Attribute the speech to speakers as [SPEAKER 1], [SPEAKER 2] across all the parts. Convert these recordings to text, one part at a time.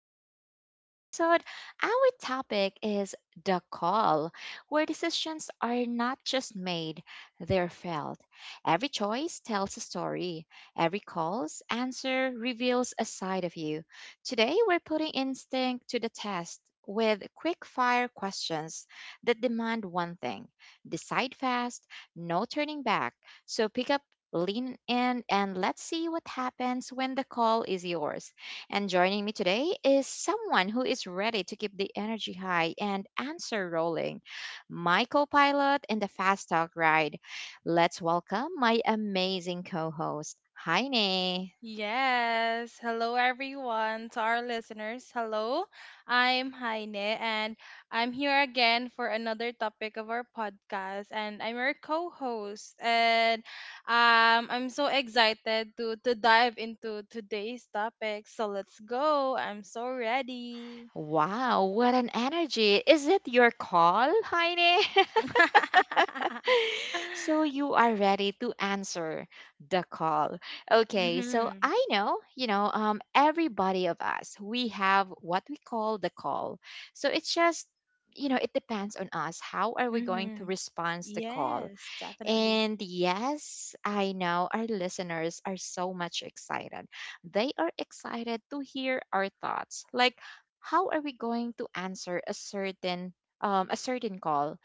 [SPEAKER 1] And today's episode, our topic is the call, where decisions are not just made, they're felt. Every choice tells a story, every call's answer reveals a side of you. Today, we're putting instinct to the test. With quick fire questions that demand one thing decide fast, no turning back. So pick up, lean in, and let's see what happens when the call is yours. And joining me today is someone who is ready to keep the energy high and answer rolling. My co pilot in the Fast Talk ride. Let's welcome my amazing co host, Heine.
[SPEAKER 2] Yes. Hello, everyone. To our listeners, hello. I'm Heine, and I'm here again for another topic of our podcast. And I'm your co-host, and I'm so excited to dive into today's topic. So let's go. I'm so ready.
[SPEAKER 1] Wow, what an energy! Is it your call, Heine? So you are ready to answer the call. Okay, so
[SPEAKER 2] Mhm.
[SPEAKER 1] I know, you know, everybody of us, we have what we call the call. So it's just, you know, it depends on us. How are we going to
[SPEAKER 2] Mhm.
[SPEAKER 1] respond to the call?
[SPEAKER 2] Yes, definitely.
[SPEAKER 1] And yes, I know our listeners are so much excited. They are excited to hear our thoughts. Like, how are we going to answer a certain call,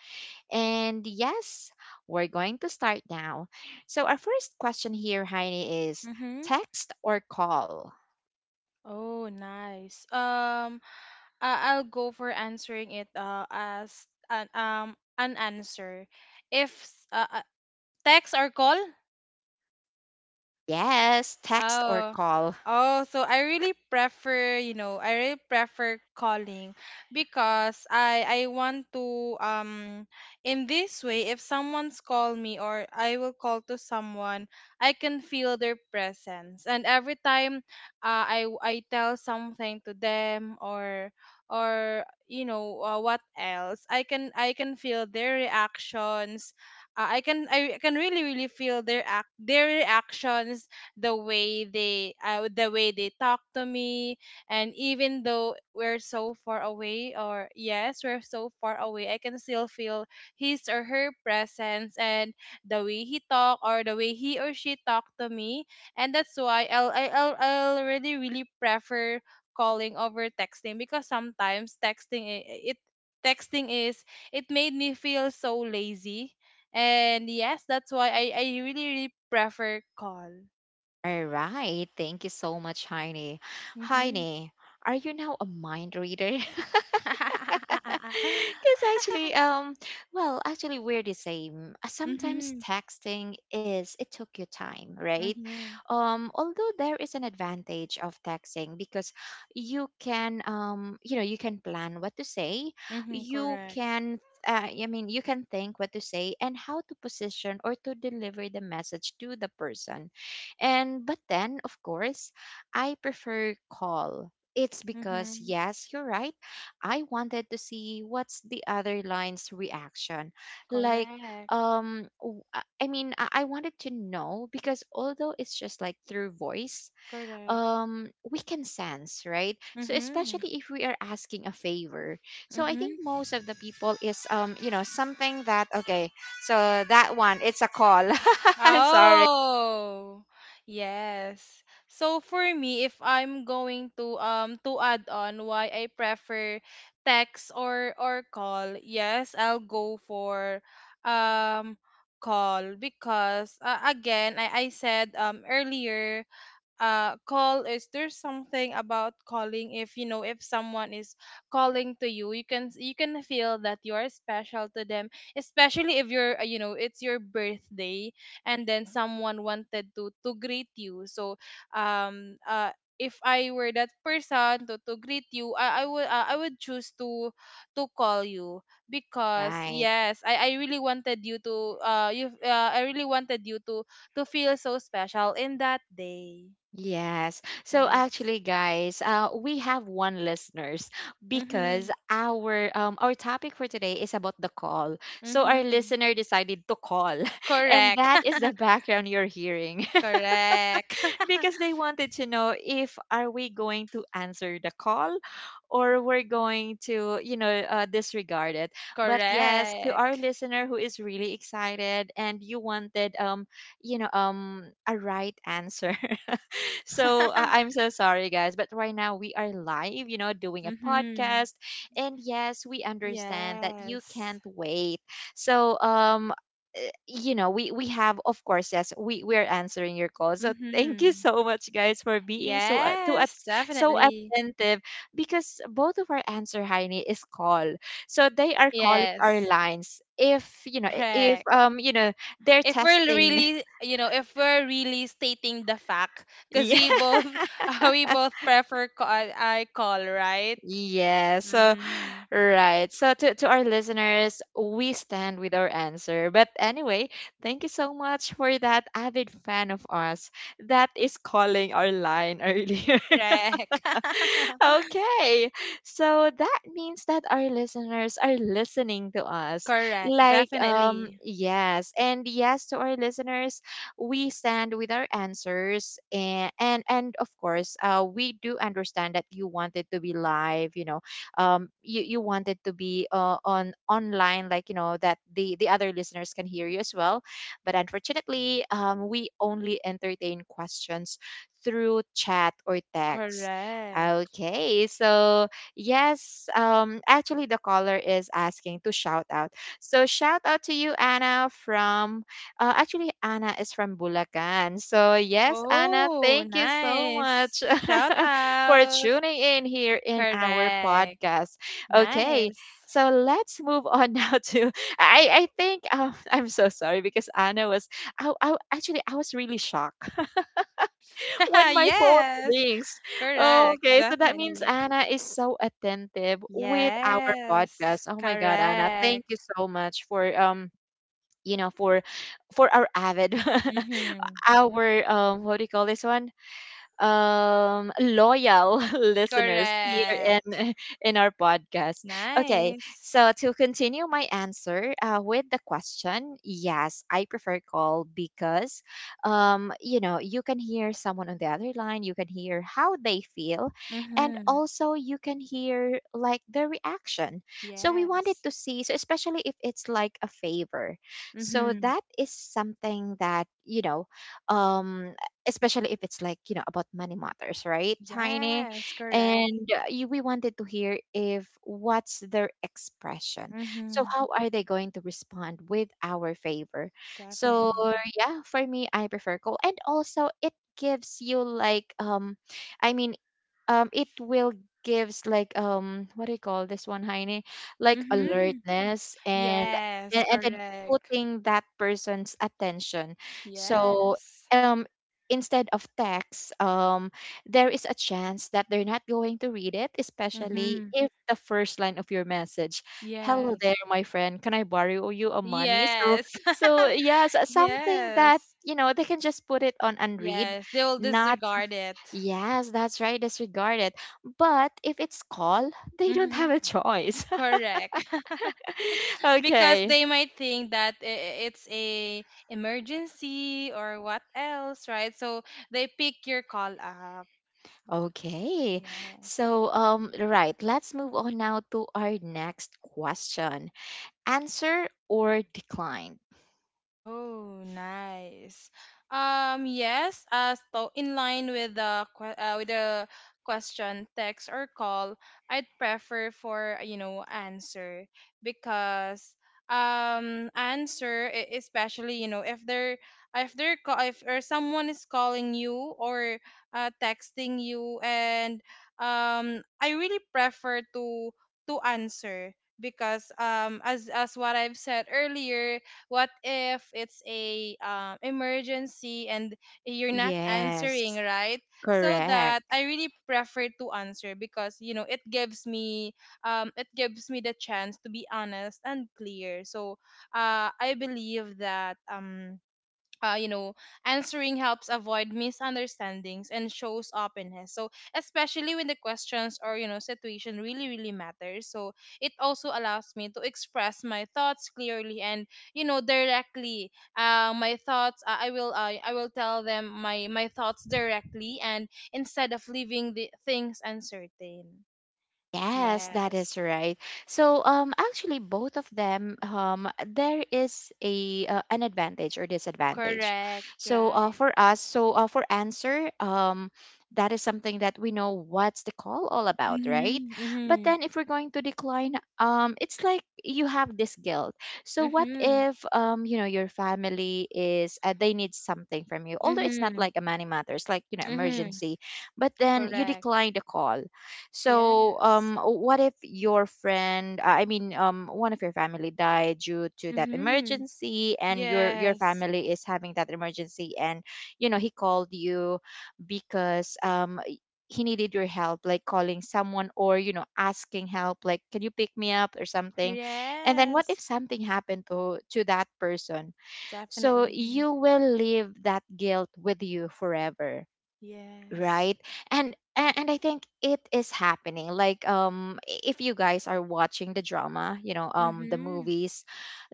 [SPEAKER 1] and yes, we're going to start now. So, our first question here, Heine, is
[SPEAKER 2] Mhm.
[SPEAKER 1] text or call?
[SPEAKER 2] Oh, nice. I'll go for answering it as an answer. If s- Text or call?
[SPEAKER 1] Yes, text or
[SPEAKER 2] Oh.
[SPEAKER 1] call.
[SPEAKER 2] Oh, so I really prefer, you know, I really prefer calling because I want to in this way, if someone's call me or I will call to someone, I can feel their presence. And every time I tell something to them, or what else, I can feel their reactions. I can, I can really really feel their act their reactions, the way they talk to me. And even though we're so far away, or yes, we're so far away, I can still feel his or her presence, and the way he talk, or the way he or she talk to me. And that's why I'll really really prefer calling over texting, because sometimes texting is it made me feel so lazy. And yes, that's why I really really prefer call.
[SPEAKER 1] All right. Thank you so much, Heine.
[SPEAKER 2] Mhm.
[SPEAKER 1] Heine, are you now a mind reader? Because actually, we're the same. Sometimes
[SPEAKER 2] Mhm.
[SPEAKER 1] texting is it took you time, right?
[SPEAKER 2] Mhm.
[SPEAKER 1] Although there is an advantage of texting because you can, you know, you can plan what to say,
[SPEAKER 2] Mhm.
[SPEAKER 1] you
[SPEAKER 2] Correct.
[SPEAKER 1] can. I mean, you can think what to say and how to position or to deliver the message to the person, and but then, of course, I prefer call. It's because
[SPEAKER 2] Mhm.
[SPEAKER 1] yes, you're right. I wanted to see what's the other line's reaction. Like
[SPEAKER 2] Correct.
[SPEAKER 1] I wanted to know because although it's just like through voice,
[SPEAKER 2] Correct.
[SPEAKER 1] we can sense, right? So
[SPEAKER 2] Mhm.
[SPEAKER 1] especially if we are asking a favor. So I think
[SPEAKER 2] Mhm.
[SPEAKER 1] most of the people is you know something that okay, so that one it's a call. I'm sorry.
[SPEAKER 2] Oh. Yes. So for me, if I'm going to add on why I prefer text or call, yes, I'll go for um call, because again, I said earlier, call is there's something about calling. If you know, if someone is calling to you, you can feel that you are special to them, especially if you're you know, it's your birthday, and then someone wanted to greet you. So um uh if I were that person to greet you, I would, I would choose to call you, because
[SPEAKER 1] Right.
[SPEAKER 2] yes, I really wanted you to you I really wanted you to feel so special in that day.
[SPEAKER 1] Yes. So
[SPEAKER 2] Yes.
[SPEAKER 1] actually, guys, we have one listeners because
[SPEAKER 2] Mhm.
[SPEAKER 1] our topic for today is about the call. So our
[SPEAKER 2] Mhm.
[SPEAKER 1] listener decided to call, and
[SPEAKER 2] Correct.
[SPEAKER 1] that is the background you're hearing
[SPEAKER 2] Correct.
[SPEAKER 1] because they wanted to know if are we going to answer the call or we're going to you know disregard it. But yes, to our
[SPEAKER 2] Correct.
[SPEAKER 1] listener who is really excited and you wanted you know a right answer so I'm so sorry, guys. But right now we are live, you know, doing a
[SPEAKER 2] Mhm.
[SPEAKER 1] podcast. And yes, we understand that you
[SPEAKER 2] Yes.
[SPEAKER 1] can't wait. So, you know, we have, of course, yes, we are answering your call. So thank you
[SPEAKER 2] Mhm.
[SPEAKER 1] so much, guys, for being so to at
[SPEAKER 2] Yes,
[SPEAKER 1] so
[SPEAKER 2] definitely.
[SPEAKER 1] attentive because both of our answer, Heini, is call. So they are calling our
[SPEAKER 2] Yes.
[SPEAKER 1] lines. If
[SPEAKER 2] Correct.
[SPEAKER 1] you know, they're
[SPEAKER 2] If we're
[SPEAKER 1] testing.
[SPEAKER 2] really, you know, if we're really stating the fact, because we
[SPEAKER 1] Yeah.
[SPEAKER 2] both, we both prefer call, I call, right?
[SPEAKER 1] Yeah. So
[SPEAKER 2] Mm-hmm.
[SPEAKER 1] right. So to our listeners, we stand with our answer. But anyway, thank you so much for that avid fan of us that is calling our line earlier.
[SPEAKER 2] Correct.
[SPEAKER 1] Okay. So that means that our listeners are listening to us.
[SPEAKER 2] Correct.
[SPEAKER 1] Like,
[SPEAKER 2] Definitely.
[SPEAKER 1] yes. And yes to our listeners, we stand with our answers. And of course, we do understand that you wanted to be live, you know, you wanted to be on online, like, you know, that the other listeners can hear you as well. But unfortunately, we only entertain questions through chat or text.
[SPEAKER 2] Correct.
[SPEAKER 1] Okay, so yes, actually the caller is asking to shout out. So shout out to you, Anna, from actually Anna is from Bulacan. So yes, Anna,
[SPEAKER 2] Oh,
[SPEAKER 1] thank you so much
[SPEAKER 2] nice. Shout
[SPEAKER 1] for
[SPEAKER 2] out.
[SPEAKER 1] tuning in here in our
[SPEAKER 2] Correct.
[SPEAKER 1] podcast. Okay,
[SPEAKER 2] Nice.
[SPEAKER 1] so let's move on now to I think I'm so sorry because Anna was I actually I was really shocked when my phone
[SPEAKER 2] Yes.
[SPEAKER 1] rings.
[SPEAKER 2] Correct.
[SPEAKER 1] Okay, so that means
[SPEAKER 2] Definitely.
[SPEAKER 1] Anna is so attentive with our
[SPEAKER 2] Yes.
[SPEAKER 1] podcast. Oh my God, Anna, thank
[SPEAKER 2] Correct.
[SPEAKER 1] you so much for you know for our avid
[SPEAKER 2] Mm-hmm.
[SPEAKER 1] our what do you call this one loyal listeners here
[SPEAKER 2] Correct.
[SPEAKER 1] in in our podcast. Okay,
[SPEAKER 2] Nice.
[SPEAKER 1] so to continue my answer with the question, yes, I prefer call because, you know, you can hear someone on the other line, you can hear how they feel, and
[SPEAKER 2] Mm-hmm.
[SPEAKER 1] also you can hear like their reaction. So we wanted
[SPEAKER 2] Yes.
[SPEAKER 1] to see, so especially if it's like a favor, so
[SPEAKER 2] Mm-hmm.
[SPEAKER 1] that is something that you know, um especially if it's like you know about money matters right tiny
[SPEAKER 2] Yes. Correct.
[SPEAKER 1] and we wanted to hear if what's their expression so
[SPEAKER 2] Mm-hmm.
[SPEAKER 1] how are they going to respond with our favor so
[SPEAKER 2] Definitely.
[SPEAKER 1] yeah for me I prefer cold and also it gives you like i mean it will gives like what do you call this one Heine like
[SPEAKER 2] Mm-hmm.
[SPEAKER 1] alertness and
[SPEAKER 2] Yes.
[SPEAKER 1] and then
[SPEAKER 2] Correct.
[SPEAKER 1] putting that person's attention so
[SPEAKER 2] Yes.
[SPEAKER 1] um instead of text there is a chance that they're not going to read it especially
[SPEAKER 2] Mm-hmm.
[SPEAKER 1] if the first line of your message hello
[SPEAKER 2] Yes.
[SPEAKER 1] there my friend can I borrow you a money so
[SPEAKER 2] Yes.
[SPEAKER 1] so yes something that
[SPEAKER 2] Yes.
[SPEAKER 1] you know they can just put it on unread
[SPEAKER 2] Yes. They will
[SPEAKER 1] not.
[SPEAKER 2] disregard it.
[SPEAKER 1] Yes, that's right, disregard it. But if it's call, they don't
[SPEAKER 2] Mm-hmm.
[SPEAKER 1] have a choice.
[SPEAKER 2] Correct. Because
[SPEAKER 1] Okay.
[SPEAKER 2] they might think that it's a emergency or what else, right? So they pick your call up.
[SPEAKER 1] Okay.
[SPEAKER 2] Yes.
[SPEAKER 1] So right, let's move on now to our next question. Answer or decline?
[SPEAKER 2] Oh, nice. Yes, as to in line with the with the question, text or call, I'd prefer for you know answer, because answer, especially you know, if they're if they're if or someone is calling you or texting you. And I really prefer to answer because as what I've said earlier, what if it's a emergency and you're not
[SPEAKER 1] Yes,
[SPEAKER 2] answering, right? So that
[SPEAKER 1] correct.
[SPEAKER 2] I really prefer to answer, because you know it gives me the chance to be honest and clear. So I believe that you know, answering helps avoid misunderstandings and shows openness. So, especially when the questions or, you know, situation really, really matters. So, it also allows me to express my thoughts clearly and, you know, directly. I will tell them my thoughts directly, and instead of leaving the things uncertain.
[SPEAKER 1] Yes, that is
[SPEAKER 2] Yes.
[SPEAKER 1] right. So, actually, both of them, there is a an advantage or disadvantage.
[SPEAKER 2] Correct.
[SPEAKER 1] So,
[SPEAKER 2] Right.
[SPEAKER 1] for us, so for answer, that is something that we know what's the call all about, right?
[SPEAKER 2] Mm-hmm.
[SPEAKER 1] But
[SPEAKER 2] Mm-hmm.
[SPEAKER 1] then, if we're going to decline, it's like you have this guilt. So, what
[SPEAKER 2] Mm-hmm.
[SPEAKER 1] if, you know, your family is they need something from you, although it's not
[SPEAKER 2] Mm-hmm.
[SPEAKER 1] like a money matters, like you know,
[SPEAKER 2] Mm-hmm.
[SPEAKER 1] emergency, but then you
[SPEAKER 2] Correct.
[SPEAKER 1] decline the call so,
[SPEAKER 2] Yes.
[SPEAKER 1] what if your friend, one of your family died due to that
[SPEAKER 2] Mm-hmm.
[SPEAKER 1] emergency, and your
[SPEAKER 2] Yes.
[SPEAKER 1] family is having that emergency, and you know he called you because he needed your help, like calling someone or you know asking help, like can you pick me up or something, and then what if
[SPEAKER 2] Yes.
[SPEAKER 1] something happened to that person? So
[SPEAKER 2] Definitely.
[SPEAKER 1] you will leave that guilt with you forever
[SPEAKER 2] Yes.
[SPEAKER 1] right and I think it is happening like if you guys are watching the drama you know the
[SPEAKER 2] Mm-hmm.
[SPEAKER 1] movies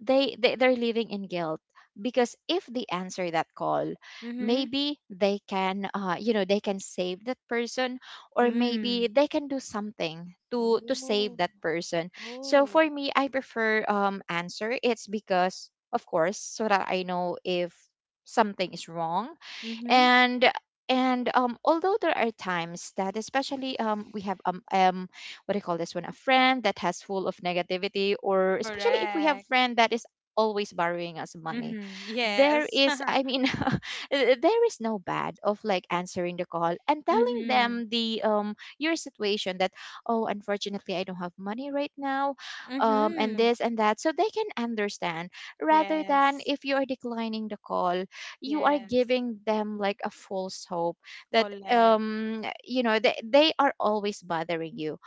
[SPEAKER 1] they they're living in guilt because if they answer that call
[SPEAKER 2] Mm-hmm.
[SPEAKER 1] maybe they can you know they can save that person or maybe
[SPEAKER 2] Mm.
[SPEAKER 1] they can do something to save
[SPEAKER 2] Oh.
[SPEAKER 1] that person so
[SPEAKER 2] Oh.
[SPEAKER 1] for me I prefer answer it's because of course so that I know if something is wrong
[SPEAKER 2] Mm-hmm.
[SPEAKER 1] and and although there are times that especially we have um um, what do you call this one a friend that has full of negativity or especially if we have
[SPEAKER 2] Correct.
[SPEAKER 1] friend that is always borrowing us money
[SPEAKER 2] Mm-hmm.
[SPEAKER 1] there
[SPEAKER 2] Yes.
[SPEAKER 1] is there is no bad of like answering the call and telling
[SPEAKER 2] Mm-hmm.
[SPEAKER 1] them the your situation that oh unfortunately I don't have money right now and
[SPEAKER 2] Mm-hmm.
[SPEAKER 1] this and that so they can understand rather than
[SPEAKER 2] Yes.
[SPEAKER 1] if you are declining the call you are
[SPEAKER 2] Yes.
[SPEAKER 1] giving them like a false hope that
[SPEAKER 2] Correct.
[SPEAKER 1] you know they are always bothering you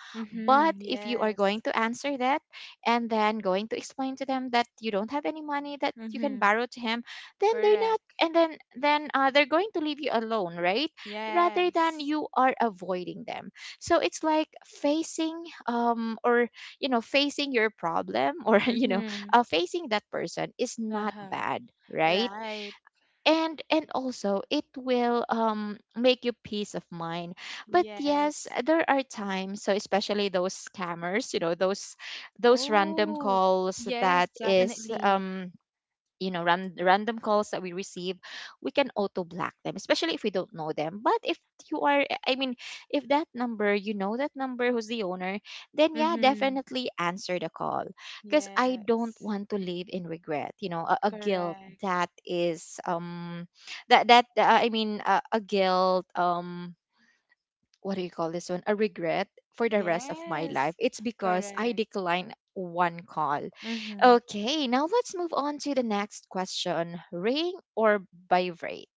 [SPEAKER 1] but
[SPEAKER 2] Mm-hmm.
[SPEAKER 1] if you are going
[SPEAKER 2] Yes.
[SPEAKER 1] to answer that and then going to explain to them that you don't have any money that you can
[SPEAKER 2] Mm-hmm.
[SPEAKER 1] borrow to him then they're not
[SPEAKER 2] Correct.
[SPEAKER 1] and then they're going to leave you alone right rather than
[SPEAKER 2] Yes.
[SPEAKER 1] you are avoiding them so it's like facing or you know facing your problem or you know
[SPEAKER 2] Mm-hmm.
[SPEAKER 1] facing that person is not
[SPEAKER 2] Uh-huh.
[SPEAKER 1] bad right
[SPEAKER 2] Right.
[SPEAKER 1] and also it will make you peace of mind but yes
[SPEAKER 2] Yes.
[SPEAKER 1] there are times so especially those scammers you know those random
[SPEAKER 2] Oh,
[SPEAKER 1] calls
[SPEAKER 2] yes,
[SPEAKER 1] that is
[SPEAKER 2] definitely.
[SPEAKER 1] you know random calls that we receive we can auto block them especially if we don't know them but if you are if that number you know that number who's the owner then yeah
[SPEAKER 2] Mm-hmm.
[SPEAKER 1] definitely answer the call because I don't
[SPEAKER 2] Yes,
[SPEAKER 1] want to live in regret you know a guilt
[SPEAKER 2] correct.
[SPEAKER 1] that is that that I mean a guilt what do you call this one a regret for the rest of my life
[SPEAKER 2] Yes,
[SPEAKER 1] it's because I
[SPEAKER 2] correct.
[SPEAKER 1] declined one call.
[SPEAKER 2] Mm-hmm.
[SPEAKER 1] Okay now let's move on to the next question ring or vibrate.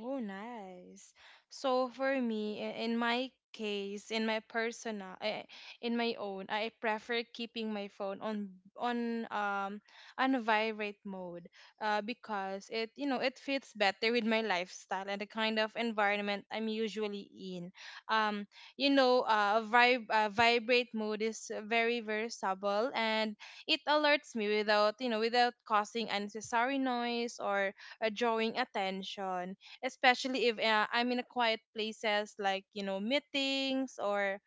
[SPEAKER 2] Oh, nice. So for me, in my case, in my personal, in my own, I prefer keeping my phone on on vibrate mode, because it you know it fits better with my lifestyle and the kind of environment I'm usually in. Um, you know, vibrate mode is very versatile, and it alerts me without you know without causing unnecessary noise or drawing attention, especially if I'm in a quiet places, like you know meetings or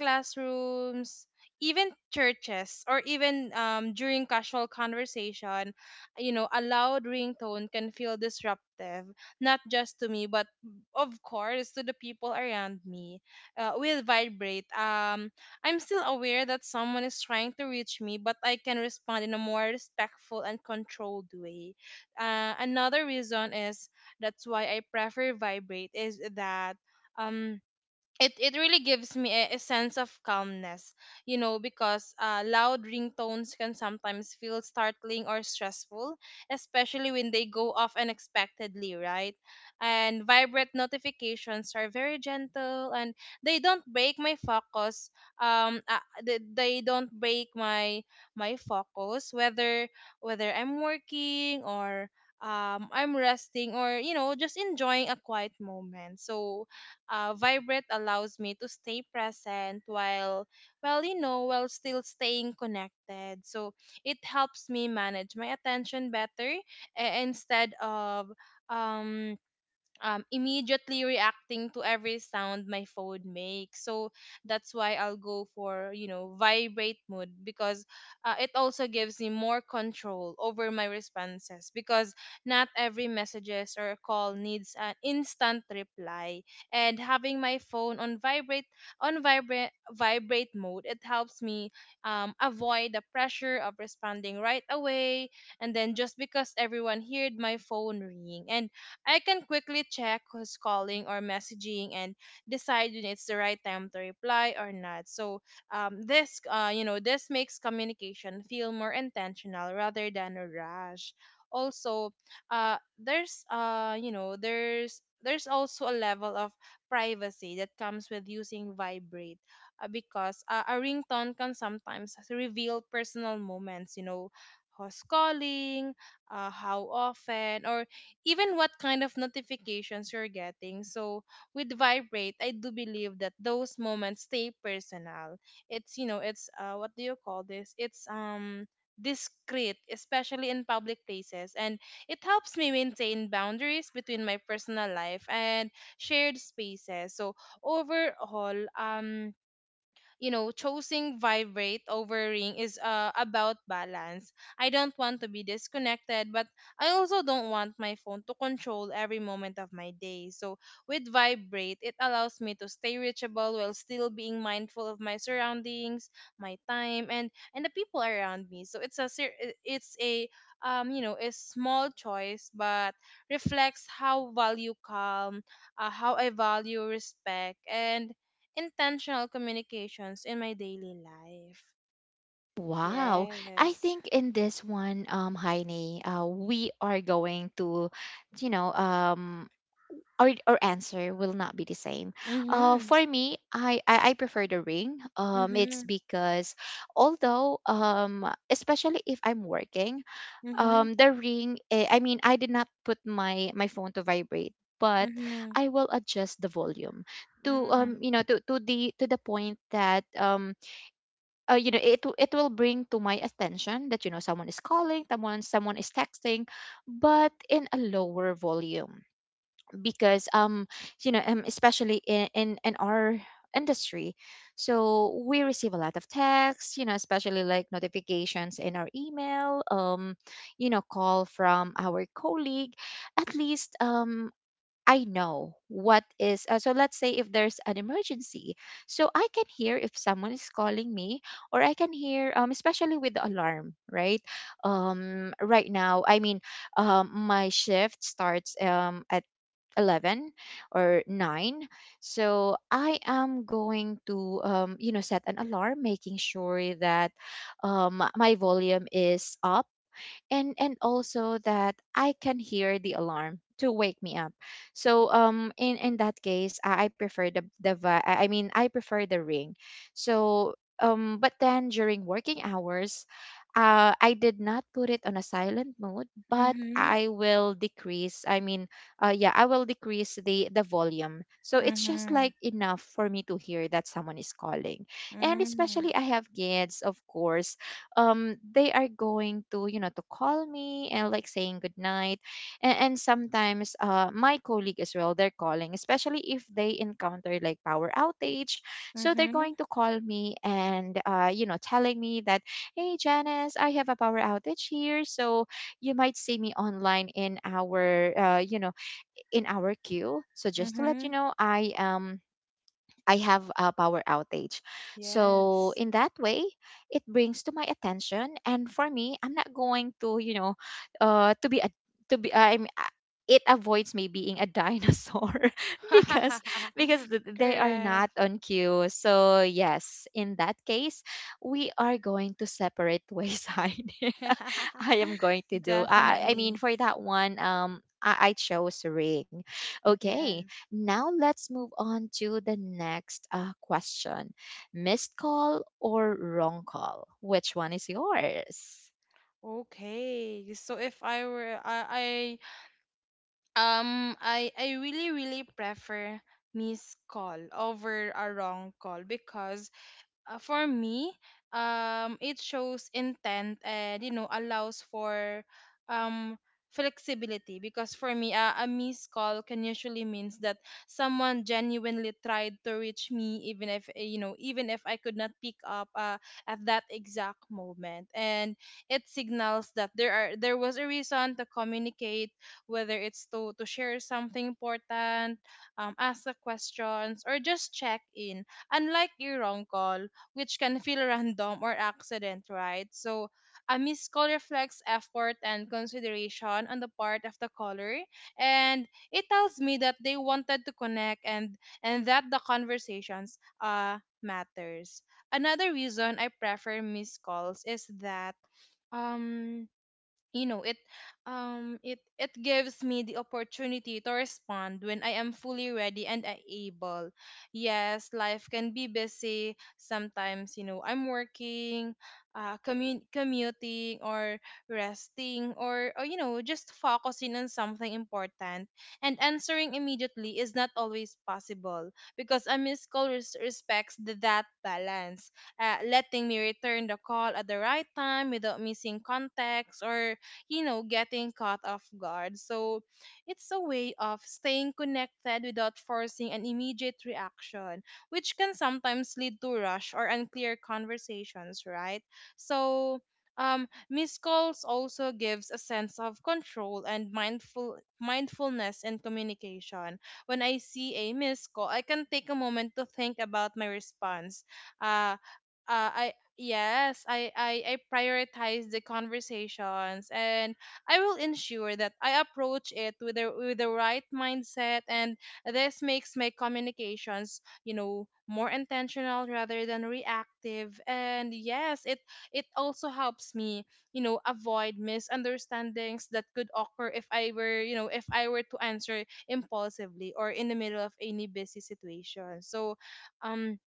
[SPEAKER 2] classrooms, even churches, or even during casual conversation, you know, a loud ringtone can feel disruptive, not just to me, but of course to the people around me. Will vibrate. I'm still aware that someone is trying to reach me, but I can respond in a more respectful and controlled way. Another reason is that's why I prefer vibrate is that. Um, it it really gives me a sense of calmness, you know, because loud ringtones can sometimes feel startling or stressful, especially when they go off unexpectedly, right? And vibrant notifications are very gentle, and they don't break my focus. They don't break my focus, whether I'm working or I'm resting or you know just enjoying a quiet moment. So vibrate allows me to stay present while well, you know while still staying connected. So it helps me manage my attention better, instead of um immediately reacting to every sound my phone makes. So that's why I'll go for, you know, vibrate mode because it also gives me more control over my responses, because not every messages or call needs an instant reply. And having my phone on vibrate vibrate mode, it helps me avoid the pressure of responding right away, and then just because everyone heard my phone ring, and I can quickly check who's calling or messaging, and decide when it's the right time to reply or not. So this, you know, this makes communication feel more intentional rather than a rush. Also, you know, there's also a level of privacy that comes with using vibrate, because a ringtone can sometimes reveal personal moments, you know, who's calling, how often, or even what kind of notifications you're getting. So with Vibrate, I do believe that those moments stay personal. It's you know, it's what do you call this? It's discreet, especially in public places. And it helps me maintain boundaries between my personal life and shared spaces. So overall, you know, choosing vibrate over ring is about balance. I don't want to be disconnected, but I also don't want my phone to control every moment of my day. So with vibrate, it allows me to stay reachable while still being mindful of my surroundings, my time, and the people around me. So it's a you know a small choice, but reflects how value calm, how I value respect, and intentional communications in my daily life.
[SPEAKER 1] Wow. I
[SPEAKER 2] Yes.
[SPEAKER 1] think in this one, Heine, we are going to, you know, um, our answer will not be the same.
[SPEAKER 2] Mhm.
[SPEAKER 1] For me, I prefer the ring. It's
[SPEAKER 2] Mhm.
[SPEAKER 1] because although, especially if I'm working,
[SPEAKER 2] Mhm.
[SPEAKER 1] the ring, I mean, I did not put my phone to vibrate, but
[SPEAKER 2] Mhm.
[SPEAKER 1] I will adjust the volume to um
[SPEAKER 2] Mm.
[SPEAKER 1] you know to, to the point that it it will bring to my attention that someone is calling, someone is texting, but in a lower volume. Because especially in our industry, so we receive a lot of texts, especially like notifications in our email, call from our colleague. At least, I know what is, so let's say if there's an emergency, so I can hear if someone is calling me, or I can hear, especially with the alarm, right? Right now, I mean, my shift starts, at 11 or 9. So I am going to, set an alarm, making sure that, my volume is up, and also that I can hear the alarm to wake me up. So in that case, I prefer the I mean I prefer the ring. So but then, during working hours, I did not put it on a silent mode, but
[SPEAKER 2] Mhm.
[SPEAKER 1] I will decrease. I mean, yeah, I will decrease the volume. So it's just
[SPEAKER 2] Mhm.
[SPEAKER 1] like enough for me to hear that someone is calling. And
[SPEAKER 2] Mm.
[SPEAKER 1] especially, I have kids, of course, they are going to you know to call me and like saying good night. And, sometimes, my colleague as well, they're calling, especially if they encounter like power outage. So they're going
[SPEAKER 2] Mhm.
[SPEAKER 1] to call me and, telling me that, "Hey, Janice, I have a power outage here, so you might see me online in our queue, so just to let you
[SPEAKER 2] Mhm.
[SPEAKER 1] know, I have a power outage." So
[SPEAKER 2] Yes.
[SPEAKER 1] in that way, it brings to my attention. And for me, I'm not going to. You know, to be a to be. I'm. It avoids me being a dinosaur because they are
[SPEAKER 2] Correct.
[SPEAKER 1] not on cue. So yes, in that case, we are going to separate ways, Heidi. I am going to do. I mean,
[SPEAKER 2] Definitely.
[SPEAKER 1] for that one, I chose ring. Okay,
[SPEAKER 2] Yes.
[SPEAKER 1] now let's move on to the next, question: missed call or wrong call? Which one is yours?
[SPEAKER 2] Okay. So if I were I, I really really prefer missed call over a wrong call, because for me, it shows intent and you know allows for um flexibility, because for me a missed call can usually means that someone genuinely tried to reach me, even if you know, even if I could not pick up at that exact moment. And it signals that there was a reason to communicate, whether it's to share something important, ask the questions, or just check in, unlike your wrong call, which can feel random or accident, right? So a missed call reflects effort and consideration on the part of the caller, and it tells me that they wanted to connect, and that the conversations matters. Another reason I prefer missed calls is that um you know it it it gives me the opportunity to respond when I am fully ready and I able. Yes, life can be busy sometimes, you know, I'm working, commuting, or resting, or you know, just focusing on something important, and answering immediately is not always possible, because a missed call respects that balance, letting me return the call at the right time without missing context, or you know, getting caught off guard. So it's a way of staying connected without forcing an immediate reaction, which can sometimes lead to rush or unclear conversations, right? So missed calls also gives a sense of control and mindfulness in communication. When I see a missed call, I can take a moment to think about my response. Uh, uh, I, Yes, I prioritize the conversations, and I will ensure that I approach it with the right mindset, and this makes my communications, more intentional rather than reactive. And yes, it also helps me, avoid misunderstandings that could occur if I were, you know, if I were to answer impulsively or in the middle of any busy situation. So um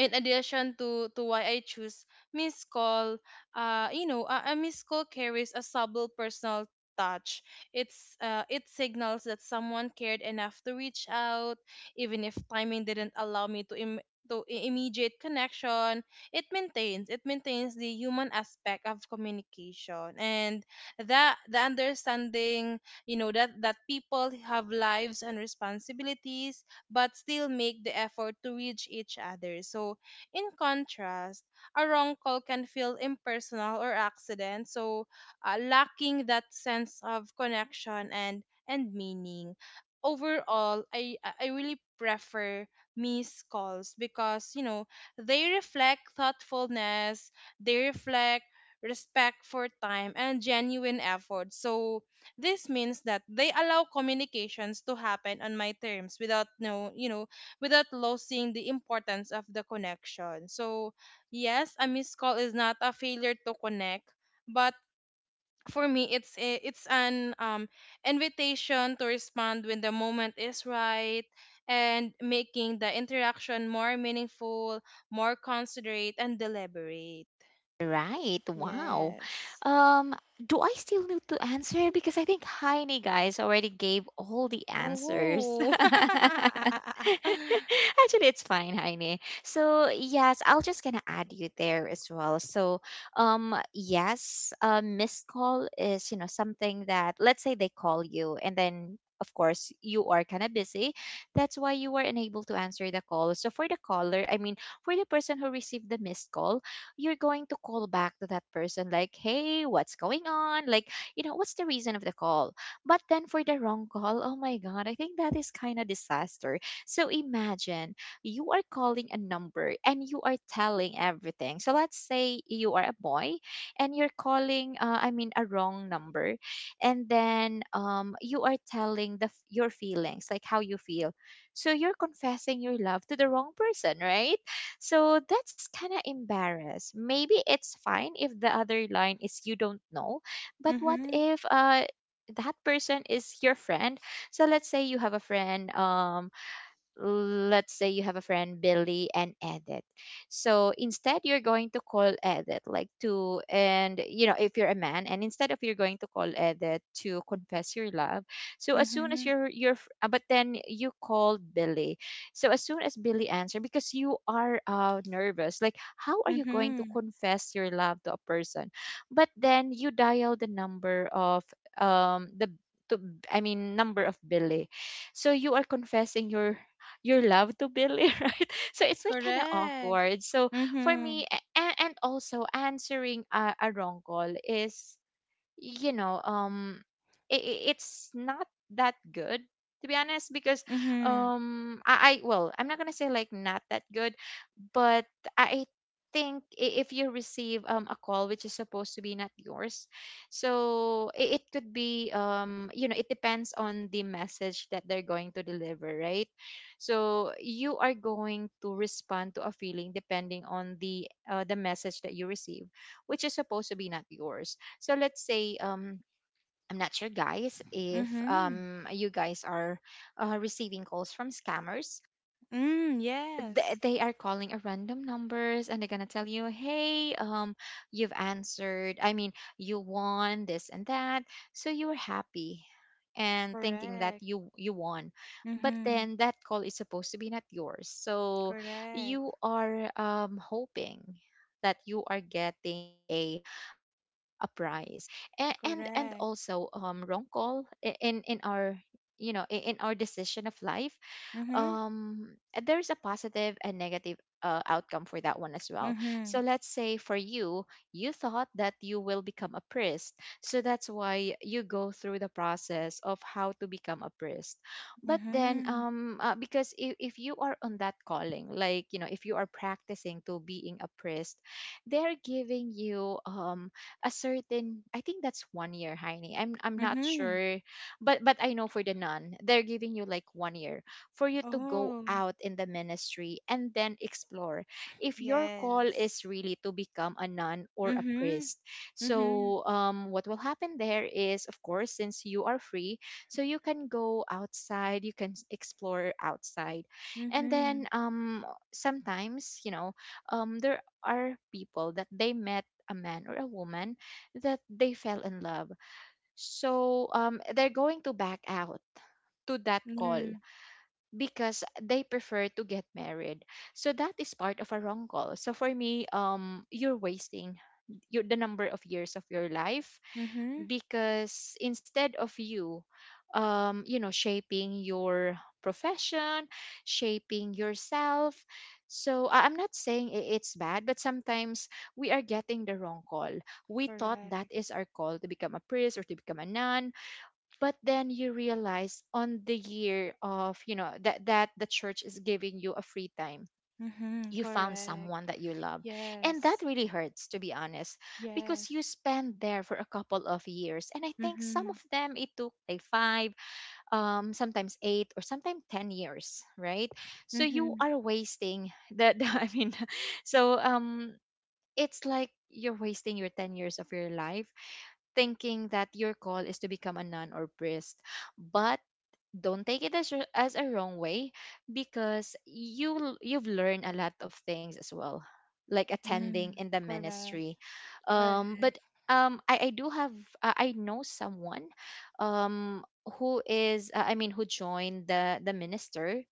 [SPEAKER 2] in addition to why I choose Miss Call, a Miss Call carries a subtle personal touch. It signals that someone cared enough to reach out, even if timing didn't allow me to immediate connection. It maintains the human aspect of communication, and that the understanding that people have lives and responsibilities but still make the effort to reach each other. So, in contrast, a wrong call can feel impersonal or accident, so lacking that sense of connection and meaning. Overall, I really prefer missed calls because they reflect thoughtfulness, they reflect respect for time and genuine effort. So this means that they allow communications to happen on my terms without no, you know, without losing the importance of the connection. So, yes, a missed call is not a failure to connect, but for me it's an invitation to respond when the moment is right, and making the interaction more meaningful, more considerate and deliberate.
[SPEAKER 1] Right. Wow.
[SPEAKER 2] Yes.
[SPEAKER 1] Um, do I still need to answer? Because I think Heine guys already gave all the answers.
[SPEAKER 2] Oh.
[SPEAKER 1] Actually, it's fine, Heine. So yes, I'll just gonna add you there as well. So yes, a missed call is, something that, let's say they call you, and then, of course, you are kind of busy. That's why you were unable to answer the call. So, for the caller, I mean, for the person who received the missed call, you're going to call back to that person like, "Hey, what's going on?" Like, what's the reason of the call? But then, for the wrong call, oh my god, I think that is kind of disaster. So imagine, you are calling a number and you are telling everything. So let's say you are a boy and you're calling, I mean, a wrong number, and then, you are telling your feelings, like how you feel. So you're confessing your love to the wrong person, right? So that's kind of embarrassed. Maybe it's fine if the other line is, you don't know, but what
[SPEAKER 2] Mhm.
[SPEAKER 1] if, that person is your friend? So let's say you have a friend, Billy and Edith. So instead, you're going to call Edith, like to, and, if you're a man, and instead of, you're going to call Edith to confess your love. So as soon as
[SPEAKER 2] Mhm.
[SPEAKER 1] you're but then you called Billy. So as soon as Billy answered, because you are, nervous, like, how are you going to
[SPEAKER 2] Mhm.
[SPEAKER 1] confess your love to a person? But then you dial the number of, um the to, I mean, number of Billy. So you are confessing your love to Billy, right? So it's like kind of
[SPEAKER 2] Correct.
[SPEAKER 1] awkward. So for me,
[SPEAKER 2] Mhm.
[SPEAKER 1] and, also, answering a wrong call is, you know um it's not that good, to be honest. Because,
[SPEAKER 2] Mhm.
[SPEAKER 1] I well, I'm not gonna say like not that good, but I think, if you receive, a call which is supposed to be not yours, so it could be, it depends on the message that they're going to deliver, right? So you are going to respond to a feeling, depending on the, message that you receive, which is supposed to be not yours. So let's say, I'm not sure, guys, if
[SPEAKER 2] Mhm.
[SPEAKER 1] you guys are, receiving calls from scammers.
[SPEAKER 2] Mm, yes.
[SPEAKER 1] They are calling a random numbers, and they're gonna tell you, "Hey, you've answered, I mean, you won this and that." So you were happy and thinking that
[SPEAKER 2] Correct.
[SPEAKER 1] you won, but
[SPEAKER 2] Mhm.
[SPEAKER 1] then that call is supposed to be not yours. So
[SPEAKER 2] Correct.
[SPEAKER 1] you are, hoping that you are getting a prize. And also,
[SPEAKER 2] Correct.
[SPEAKER 1] wrong call, in our, in our decision of life,
[SPEAKER 2] Mhm.
[SPEAKER 1] um there's a positive and negative, outcome for that one as well. So
[SPEAKER 2] Mhm.
[SPEAKER 1] let's say, for you thought that you will become a priest, so that's why you go through the process of how to become a priest. But then,
[SPEAKER 2] Mhm.
[SPEAKER 1] because if you are on that calling, like, if you are practicing to being a priest, they're giving you, a certain, I think that's 1 year, Heini, I'm not
[SPEAKER 2] Mhm.
[SPEAKER 1] sure. But I know for the nun, they're giving you like 1 year for you to go
[SPEAKER 2] Oh,
[SPEAKER 1] out in the ministry, and then explore if your call is
[SPEAKER 2] yes.
[SPEAKER 1] really to become a nun or a
[SPEAKER 2] Mhm.
[SPEAKER 1] priest.
[SPEAKER 2] Mhm.
[SPEAKER 1] So, what will happen there is, of course, since you are free, so you can go outside, you can explore outside. And then,
[SPEAKER 2] Mhm.
[SPEAKER 1] sometimes, there are people that they met a man or a woman that they fell in love. So, they're going to back out to that call
[SPEAKER 2] Mm.
[SPEAKER 1] because they prefer to get married. So that is part of a wrong call. So for me, you're wasting the number of years of your life.
[SPEAKER 2] Mhm.
[SPEAKER 1] Because instead of you, shaping your profession, shaping yourself. So I'm not saying it's bad, but sometimes we are getting the wrong call. We thought that
[SPEAKER 2] Correct.
[SPEAKER 1] is our call to become a priest or to become a nun, but then you realize on the year of, that the church is giving you a free time,
[SPEAKER 2] Mhm.
[SPEAKER 1] you found
[SPEAKER 2] Correct.
[SPEAKER 1] someone that you love, and that
[SPEAKER 2] Yes.
[SPEAKER 1] really hurts, to be honest. Because
[SPEAKER 2] Yes.
[SPEAKER 1] you spend there for a couple of years, and I think some of
[SPEAKER 2] Mhm.
[SPEAKER 1] them, it took like 5, sometimes 8, or sometimes 10 years, right? So you
[SPEAKER 2] Mhm.
[SPEAKER 1] are wasting the, the I mean, so it's like you're wasting your 10 years of your life, thinking that your call is to become a nun or priest. But don't take it as, as a wrong way, because you've learned a lot of things as well, like attending
[SPEAKER 2] Mm.
[SPEAKER 1] in the
[SPEAKER 2] Correct.
[SPEAKER 1] ministry. But,
[SPEAKER 2] Correct.
[SPEAKER 1] I do have, I know someone, um, who is, I mean, who joined the minister.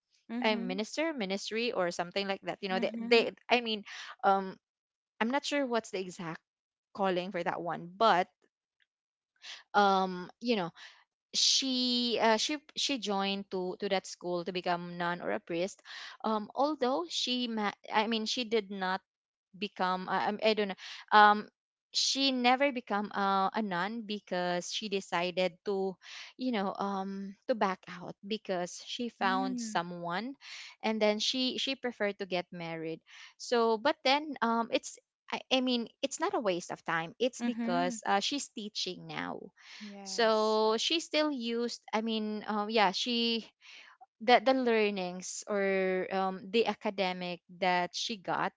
[SPEAKER 1] I
[SPEAKER 2] Mhm.
[SPEAKER 1] minister ministry, or something like that. You know,
[SPEAKER 2] Mhm.
[SPEAKER 1] they, I mean, um, I'm not sure what's the exact calling for that one. But, um, you know, she joined to that school to become nun or a priest. Although she I mean, she did not become. I don't know, um she never become a nun, because she decided to, to back out, because she found
[SPEAKER 2] Mm.
[SPEAKER 1] someone. And then she preferred to get married. So, but then, it's, I mean, it's not a waste of time. It's
[SPEAKER 2] Mhm.
[SPEAKER 1] because, she's teaching now.
[SPEAKER 2] Yes.
[SPEAKER 1] So she still used, I mean, yeah, she, the learnings, or, the academic that she got,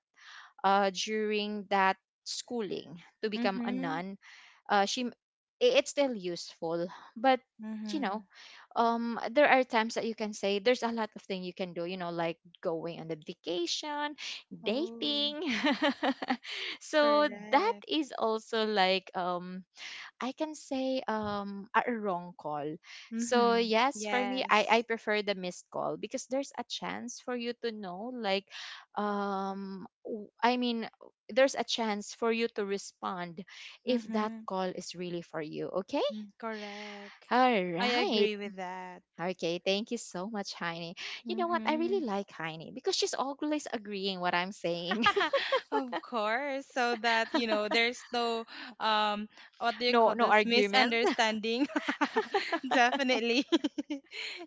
[SPEAKER 1] during that schooling to become a
[SPEAKER 2] Mhm.
[SPEAKER 1] nun. She it's still useful, but, you know,
[SPEAKER 2] Mhm.
[SPEAKER 1] there are times that you can say, there's a lot of thing you can do. Like going on the vacation,
[SPEAKER 2] Oh,
[SPEAKER 1] dating. So that
[SPEAKER 2] correct.
[SPEAKER 1] is also like I can say a wrong call. So
[SPEAKER 2] Mhm.
[SPEAKER 1] yes, for me, I
[SPEAKER 2] Yes.
[SPEAKER 1] prefer the missed call because there's a chance for you to know like um w- I mean there's a chance for you to respond if that
[SPEAKER 2] Mhm.
[SPEAKER 1] call is really for you, okay?
[SPEAKER 2] Mm, correct.
[SPEAKER 1] All
[SPEAKER 2] I
[SPEAKER 1] right.
[SPEAKER 2] agree with that.
[SPEAKER 1] Okay, thank you so much, Heine. You know what? I
[SPEAKER 2] Mhm.
[SPEAKER 1] really like Heine because she's always agreeing what I'm saying.
[SPEAKER 2] Of course, so that you know there's no um what do you
[SPEAKER 1] No,
[SPEAKER 2] call
[SPEAKER 1] no
[SPEAKER 2] this
[SPEAKER 1] argument.
[SPEAKER 2] misunderstanding. Definitely.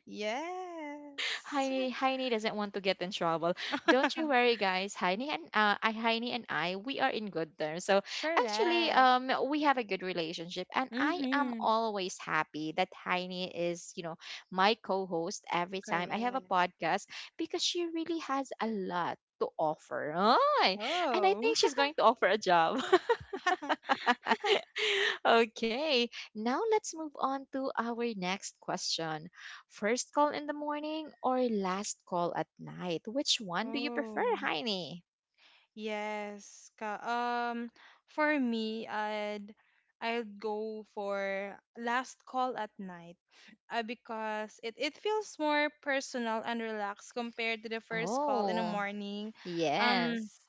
[SPEAKER 2] Yes.
[SPEAKER 1] Heini doesn't want to get in trouble. Don't you worry, guys. Heini and Heini and I, we are in good terms. So actually,
[SPEAKER 2] Correct.
[SPEAKER 1] we have a good relationship, and I am
[SPEAKER 2] Mhm.
[SPEAKER 1] always happy that Heini is, you know, my co-host every time I have a
[SPEAKER 2] Correct.
[SPEAKER 1] podcast because she really has a lot to offer. Ay, and I
[SPEAKER 2] Oh.
[SPEAKER 1] think she's going to offer a job. Okay, now let's move on to our next question. First call in the morning or last call at night? Which one do you prefer,
[SPEAKER 2] Oh.
[SPEAKER 1] Heini?
[SPEAKER 2] Yes. Ka For me, I'd go for last call at night. Because it feels more personal and relaxed compared to the first call in the
[SPEAKER 1] Oh,
[SPEAKER 2] morning. Um
[SPEAKER 1] yes.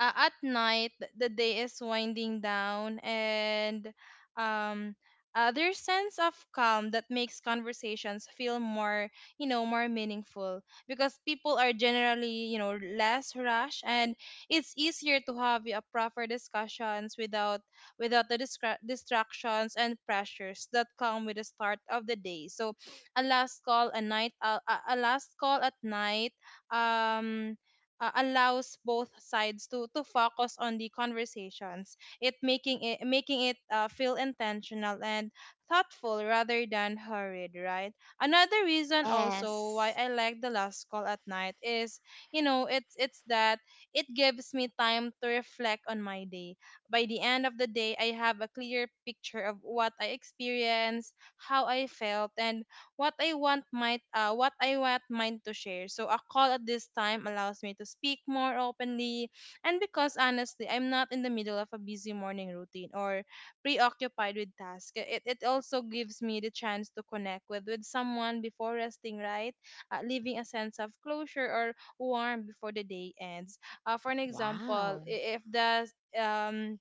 [SPEAKER 2] at night, the day is winding down, and um there's sense of calm that makes conversations feel more you know more meaningful because people are generally less rushed, and it's easier to have a proper discussions without the distractions and pressures that come with the start of the day. So a last call at night um allows both sides to focus on the conversations, it making it making it feel intentional and thoughtful rather than hurried, right? Another reason also why
[SPEAKER 1] Yes.
[SPEAKER 2] I like the last call at night is you know it's that it gives me time to reflect on my day. By the end of the day, I have a clear picture of what I experienced, how I felt, and what I want might what I want mine to share. So a call at this time allows me to speak more openly, and because honestly I'm not in the middle of a busy morning routine or preoccupied with tasks. It also gives me the chance to connect with someone before resting, right? Leaving a sense of closure or warmth before the day ends. For an example,
[SPEAKER 1] Wow.
[SPEAKER 2] um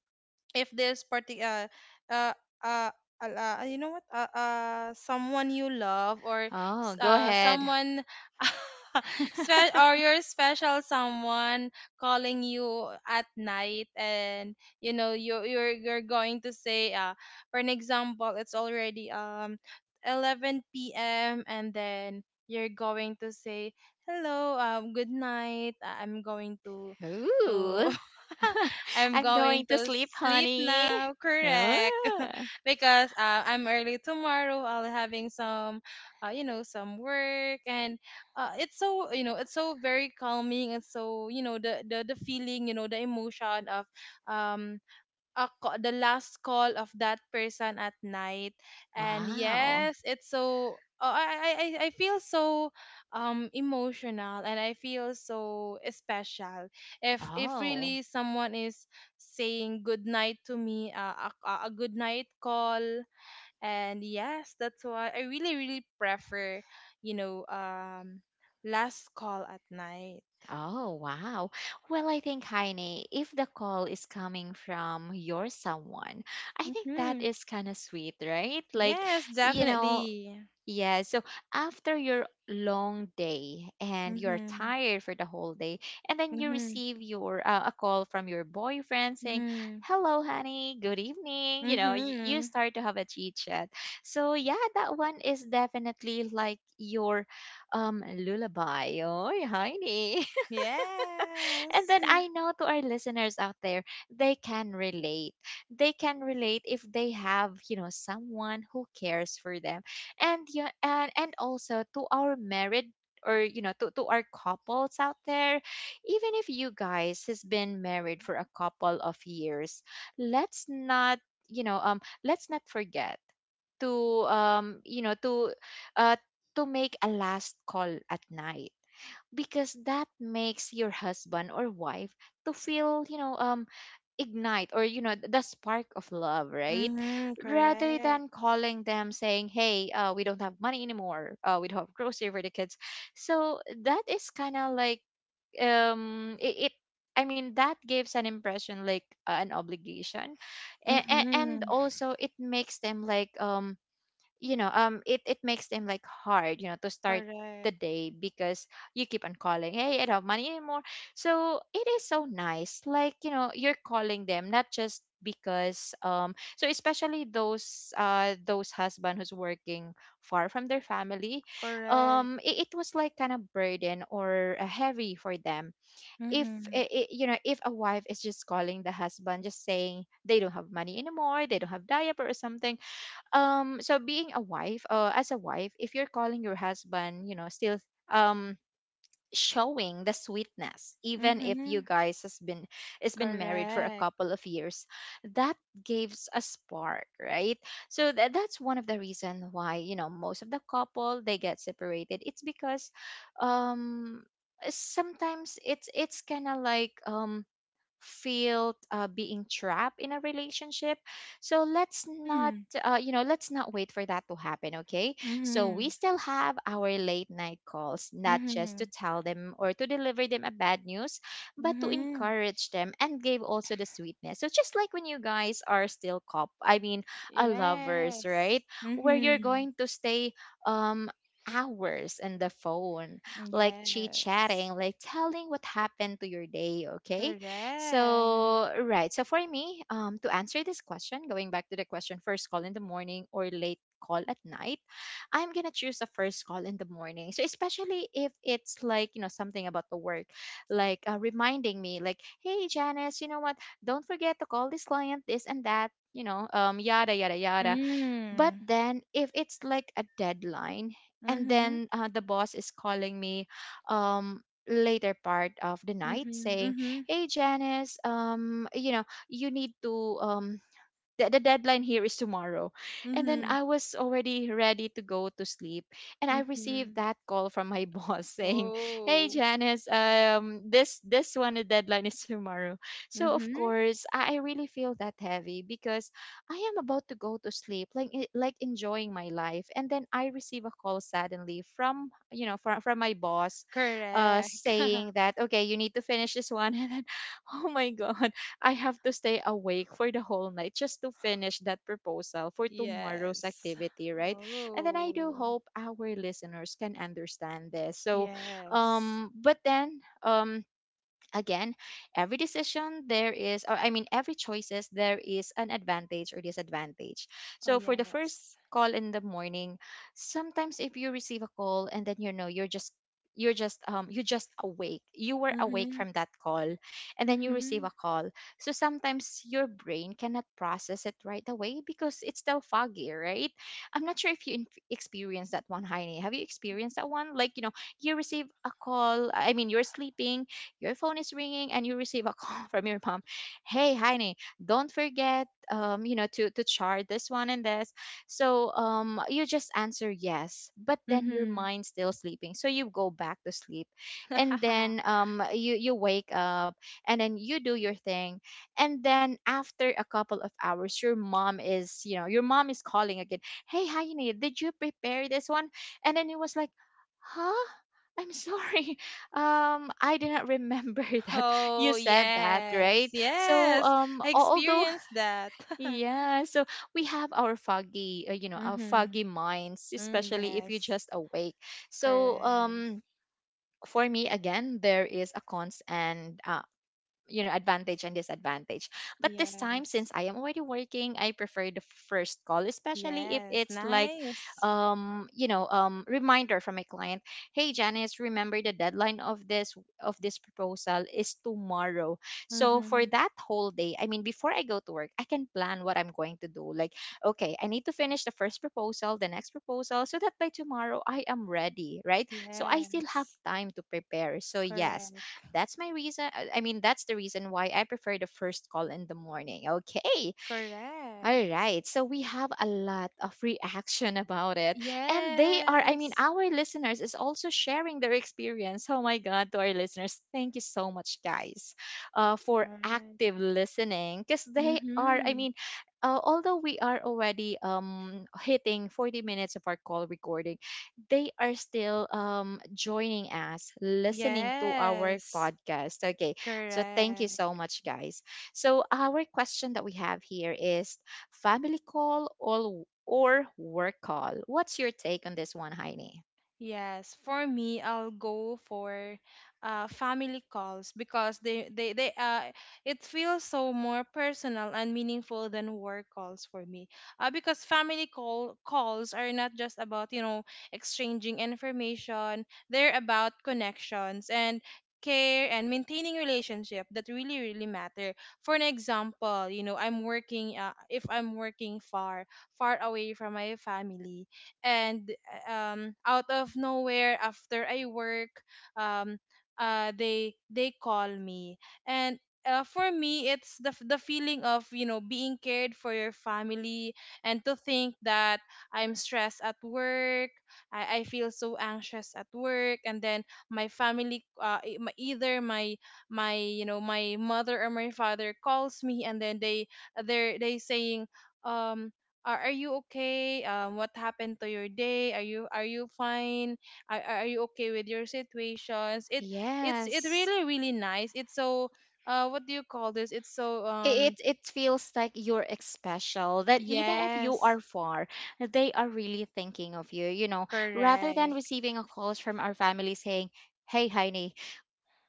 [SPEAKER 2] if this party uh uh, you know what someone you love, or
[SPEAKER 1] Oh, go ahead.
[SPEAKER 2] someone or your special someone calling you at night, and you know you you're going to say, for an example, it's already 11 p.m., and then you're going to say, hello, good night, I'm going to
[SPEAKER 1] Ooh.
[SPEAKER 2] I'm
[SPEAKER 1] I'm going
[SPEAKER 2] going
[SPEAKER 1] to
[SPEAKER 2] to
[SPEAKER 1] sleep,
[SPEAKER 2] sleep
[SPEAKER 1] honey.
[SPEAKER 2] now, correct?
[SPEAKER 1] Ah.
[SPEAKER 2] Because I'm early tomorrow. I'll having some work, and it's so very calming. It's so, the feeling, the emotion of um the last call of that person at night. And
[SPEAKER 1] Wow.
[SPEAKER 2] yes, it's so... oh, I feel so emotional, and I feel so special if
[SPEAKER 1] Oh.
[SPEAKER 2] really someone is saying good night to me, a good night call. And yes, that's why I really really prefer you know um last call at night.
[SPEAKER 1] Oh, wow. Well, I think, Heine, if the call is coming from your someone, I think that
[SPEAKER 2] Mhm.
[SPEAKER 1] is kind of sweet, right? Like,
[SPEAKER 2] Yes,
[SPEAKER 1] you know,
[SPEAKER 2] definitely.
[SPEAKER 1] yeah. So after your long day and you're
[SPEAKER 2] Mhm.
[SPEAKER 1] tired for the whole day, and then you
[SPEAKER 2] Mhm.
[SPEAKER 1] receive your a call from your boyfriend saying,
[SPEAKER 2] Mhm.
[SPEAKER 1] "Hello, honey. Good evening." You know, you
[SPEAKER 2] Mm-hmm.
[SPEAKER 1] start to have a chit chat. So yeah, that one is definitely like your lullaby. Oh, Heine. And
[SPEAKER 2] Yes.
[SPEAKER 1] then I know to our listeners out there, they can relate. They can relate if they have, you know, someone who cares for them. And yeah, and also to our married or you know to our couples out there, even if you guys has been married for a couple of years, let's not, you know um let's not forget to, uh to make a last call at night, because that makes your husband or wife to feel, ignite, or you know the spark of love, right?
[SPEAKER 2] Mm-hmm.
[SPEAKER 1] Rather
[SPEAKER 2] Correct.
[SPEAKER 1] than calling them saying, hey, we don't have money anymore, we don't have grocery for the kids. So that is kind of like, it, it I mean that gives an impression like an obligation. And, and
[SPEAKER 2] Mm-hmm.
[SPEAKER 1] also it makes them like, it it makes them like hard, you know, to start the
[SPEAKER 2] Correct.
[SPEAKER 1] day, because you keep on calling, hey, I don't have money anymore. So it is so nice like, you know, you're calling them not just because, so especially those husband who's working far from their family.
[SPEAKER 2] Correct.
[SPEAKER 1] It, it was like kind of burden or heavy for them if
[SPEAKER 2] Mm-hmm.
[SPEAKER 1] you know if a wife is just calling the husband just saying they don't have money anymore, they don't have diaper or something. So being a wife, as a wife, if you're calling your husband, you know, still, um showing the sweetness, even if you
[SPEAKER 2] Mm-hmm.
[SPEAKER 1] guys has been, has been married for a
[SPEAKER 2] Correct.
[SPEAKER 1] couple of years, that gives a spark, right? So that's one of the reason why, you know, most of the couple they get separated, it's because, um sometimes it's kind of like, feel being trapped in a relationship. So let's not,
[SPEAKER 2] Mm.
[SPEAKER 1] you know, let's not wait for that to happen, okay? So
[SPEAKER 2] Mm-hmm.
[SPEAKER 1] we still have our late night calls, not just
[SPEAKER 2] Mm-hmm.
[SPEAKER 1] to tell them or to deliver them a bad news, but to
[SPEAKER 2] Mm-hmm.
[SPEAKER 1] encourage them and give also the sweetness. So just like when you guys are still a lovers, right?
[SPEAKER 2] Yes.
[SPEAKER 1] Where you're
[SPEAKER 2] Mm-hmm.
[SPEAKER 1] going to stay, um hours on the phone, like chit chatting,
[SPEAKER 2] Yes.
[SPEAKER 1] like telling what happened to your day, okay?
[SPEAKER 2] Correct.
[SPEAKER 1] So, right. So, for me, to answer this question, going back to the question, first call in the morning or late call at night, I'm going to choose the first call in the morning. So, especially if it's like, you know, something about the work, like reminding me, like, hey, Janice, you know what? Don't forget to call this client this and that. You know, yada yada yada. But
[SPEAKER 2] Mm.
[SPEAKER 1] then if it's like a deadline, and
[SPEAKER 2] Mm-hmm.
[SPEAKER 1] then the boss is calling me later part of the night
[SPEAKER 2] Mm-hmm.
[SPEAKER 1] saying,
[SPEAKER 2] Mm-hmm.
[SPEAKER 1] "Hey Janice, you know, you need to um the deadline here is tomorrow." And then
[SPEAKER 2] Mm-hmm.
[SPEAKER 1] I was already ready to go to sleep. And I received
[SPEAKER 2] Mm-hmm.
[SPEAKER 1] that call from my boss saying, "Hey
[SPEAKER 2] Oh.
[SPEAKER 1] Janice, this this one the deadline is tomorrow." So of
[SPEAKER 2] Mm-hmm.
[SPEAKER 1] course I really feel that heavy because I am about to go to sleep, like like enjoying my life. And then I receive a call suddenly from, from my boss
[SPEAKER 2] Correct.
[SPEAKER 1] saying that, okay, you need to finish this one, and then, oh my god, I have to stay awake for the whole night just to finish that proposal for tomorrow's
[SPEAKER 2] Yes.
[SPEAKER 1] activity, right? And then I do
[SPEAKER 2] Oh,
[SPEAKER 1] hope our listeners can understand this. So,
[SPEAKER 2] yes.
[SPEAKER 1] um, but then, um, again, every decision there is, or I mean every choices there is an advantage or disadvantage.
[SPEAKER 2] Oh,
[SPEAKER 1] So for the first
[SPEAKER 2] yes.
[SPEAKER 1] call in the morning, sometimes if you receive a call and then, you know, you're just, you just awake, you were awake
[SPEAKER 2] Mm-hmm.
[SPEAKER 1] from that call, and then you receive
[SPEAKER 2] Mm-hmm.
[SPEAKER 1] a call, so sometimes your brain cannot process it right away because it's still foggy, right? I'm not sure if you experience that one, Heine. Have you experienced that one? Like, you know, you receive a call, I mean, you're sleeping, your phone is ringing, and you receive a call from your mom. Hey Heine, don't forget, you know, to chart this one and this. So you just answer yes, but then your
[SPEAKER 2] Mm-hmm.
[SPEAKER 1] mind's still sleeping, so you go back to sleep. And then you, you wake up, and then you do your thing, and then after a couple of hours your mom is, you know, your mom is calling again. Hey Heine, did you prepare this one? And then it was like, huh, I'm sorry, I did not remember that
[SPEAKER 2] Oh,
[SPEAKER 1] you said that,
[SPEAKER 2] yes.
[SPEAKER 1] right? So,
[SPEAKER 2] Yes. I
[SPEAKER 1] although,
[SPEAKER 2] experienced that.
[SPEAKER 1] yeah, so we have our foggy, you know, our
[SPEAKER 2] Mm-hmm.
[SPEAKER 1] foggy minds,
[SPEAKER 2] Mm,
[SPEAKER 1] especially if you're
[SPEAKER 2] yes.
[SPEAKER 1] just awake. So,
[SPEAKER 2] Correct.
[SPEAKER 1] for me, again, there is a cons and, you know, advantage and disadvantage, but this time
[SPEAKER 2] Yes.
[SPEAKER 1] since I am already working, I prefer the first call, especially if
[SPEAKER 2] Yes.
[SPEAKER 1] it's like,
[SPEAKER 2] Nice.
[SPEAKER 1] you know, reminder from a client. Hey Janice, remember the deadline of this, of this proposal is tomorrow. So for
[SPEAKER 2] Mm-hmm.
[SPEAKER 1] that whole day, I mean, before I go to work, I can plan what I'm going to do, like, okay, I need to finish the first proposal, the next proposal, so that by tomorrow I am ready, right? So I still have
[SPEAKER 2] Yes.
[SPEAKER 1] time to prepare. So yes,
[SPEAKER 2] Correct.
[SPEAKER 1] that's my reason. I mean, that's the reason why I prefer the first call in the morning. Okay. All
[SPEAKER 2] Correct.
[SPEAKER 1] right. So we have a lot of reaction about it. And they are, I mean,
[SPEAKER 2] Yes.
[SPEAKER 1] our listeners is also sharing their experience. Oh my God, to our listeners, thank you so much, guys,
[SPEAKER 2] All
[SPEAKER 1] for
[SPEAKER 2] right.
[SPEAKER 1] active listening. Because they are, I
[SPEAKER 2] Mm-hmm.
[SPEAKER 1] mean, although we are already hitting 40 minutes of our call recording, they are still joining us, listening to our
[SPEAKER 2] Yes,
[SPEAKER 1] podcast. Okay. So thank you so
[SPEAKER 2] correct.
[SPEAKER 1] much, guys. So, our question that we have here is, family call or work call. What's your take on this one, Heine?
[SPEAKER 2] Yes, for me, I'll go for family calls because they it feels so more personal and meaningful than work calls for me. Because family calls are not just about exchanging information; they're about connections and care and maintaining relationship that really really matter. For an example, I'm working, if I'm working far far away from my family, and out of nowhere after I work, um, they call me, and for me, it's the feeling of being cared for your family. And to think that I'm stressed at work, I feel so anxious at work, and then my family, either my my you know my mother or my father calls me, and then they they're they saying, um are you okay, what happened to your day? Are you fine? Are you okay with your situations? It it's it
[SPEAKER 1] Yes.
[SPEAKER 2] really really nice. It's so... what do you call this? It's so...
[SPEAKER 1] It it feels like you're special that even if you
[SPEAKER 2] Yes.
[SPEAKER 1] are far, they are really thinking of you, you know, rather than
[SPEAKER 2] Correct.
[SPEAKER 1] receiving a call from our family saying, hey Heine,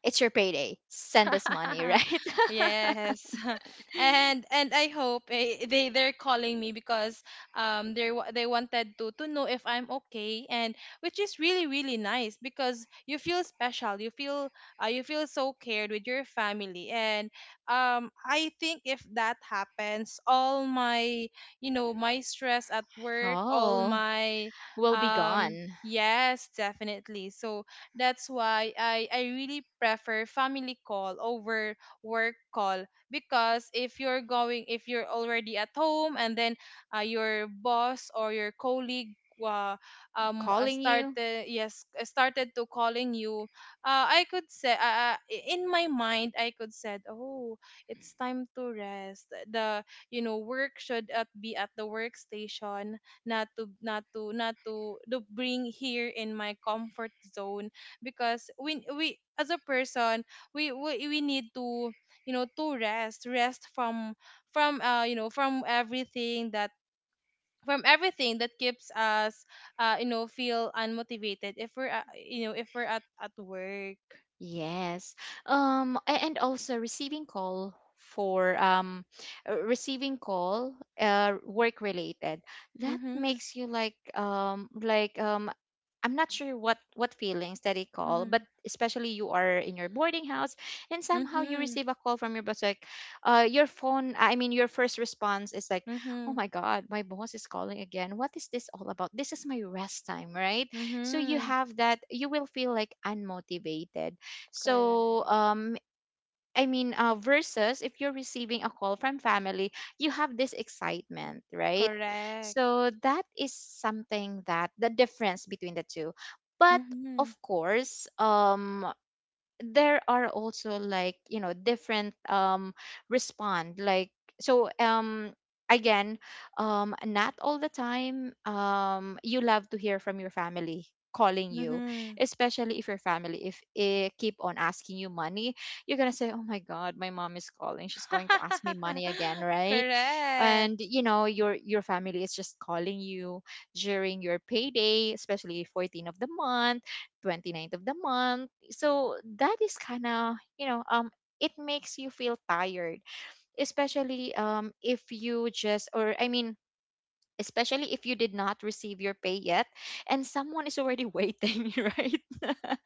[SPEAKER 1] it's your payday. Send us money, right?
[SPEAKER 2] Yes. And I hope, they're calling me because they they wanted to know if I'm okay, and which is really really nice because you feel special. You feel so cared with your family. And I think if that happens, all my... my stress at work, all
[SPEAKER 1] Oh,
[SPEAKER 2] my...
[SPEAKER 1] we'll be gone.
[SPEAKER 2] Yes, definitely. So that's why I really prefer family call over work call because if you're already at home, and then your boss or your colleague, uh,
[SPEAKER 1] Calling you.
[SPEAKER 2] started, yes, started to calling you, I could say, in my mind I could said, oh, it's time to rest. The work should be at the workstation, not to bring here in my comfort zone, because we as a person, we need to you know to rest from you know from everything that keeps us feel unmotivated if we're you know if we're at work.
[SPEAKER 1] Yes. Um, and also receiving call for, receiving call work related, that
[SPEAKER 2] Mm-hmm.
[SPEAKER 1] makes you like, I'm not sure what feelings that it call, but
[SPEAKER 2] Mm-hmm.
[SPEAKER 1] especially you are in your boarding house, and somehow you
[SPEAKER 2] Mm-hmm.
[SPEAKER 1] receive a call from your boss like, your phone, I mean, your first response is like, oh
[SPEAKER 2] Mm-hmm.
[SPEAKER 1] my god, my boss is calling again, what is this all about, this is my rest time, right? So you
[SPEAKER 2] Mm-hmm.
[SPEAKER 1] have that, you will feel like unmotivated.
[SPEAKER 2] Correct.
[SPEAKER 1] So, I mean, versus if you're receiving a call from family, you have this excitement, right?
[SPEAKER 2] Correct.
[SPEAKER 1] So that is something that the difference between the two. But
[SPEAKER 2] Mm-hmm.
[SPEAKER 1] of course, there are also like you know different respond like so um again not all the time you love to hear from your family calling you.
[SPEAKER 2] Mm-hmm.
[SPEAKER 1] Especially if your family, if it keep on asking you money, you're gonna say, oh my god, my mom is calling, she's going to ask me money again, right? And
[SPEAKER 2] Correct.
[SPEAKER 1] you know your family is just calling you during your payday, especially 14th of the month, 29th of the month. So that is kind of you know, it makes you feel tired, especially if you just or I mean, especially if you did not receive your pay yet and someone is already waiting right.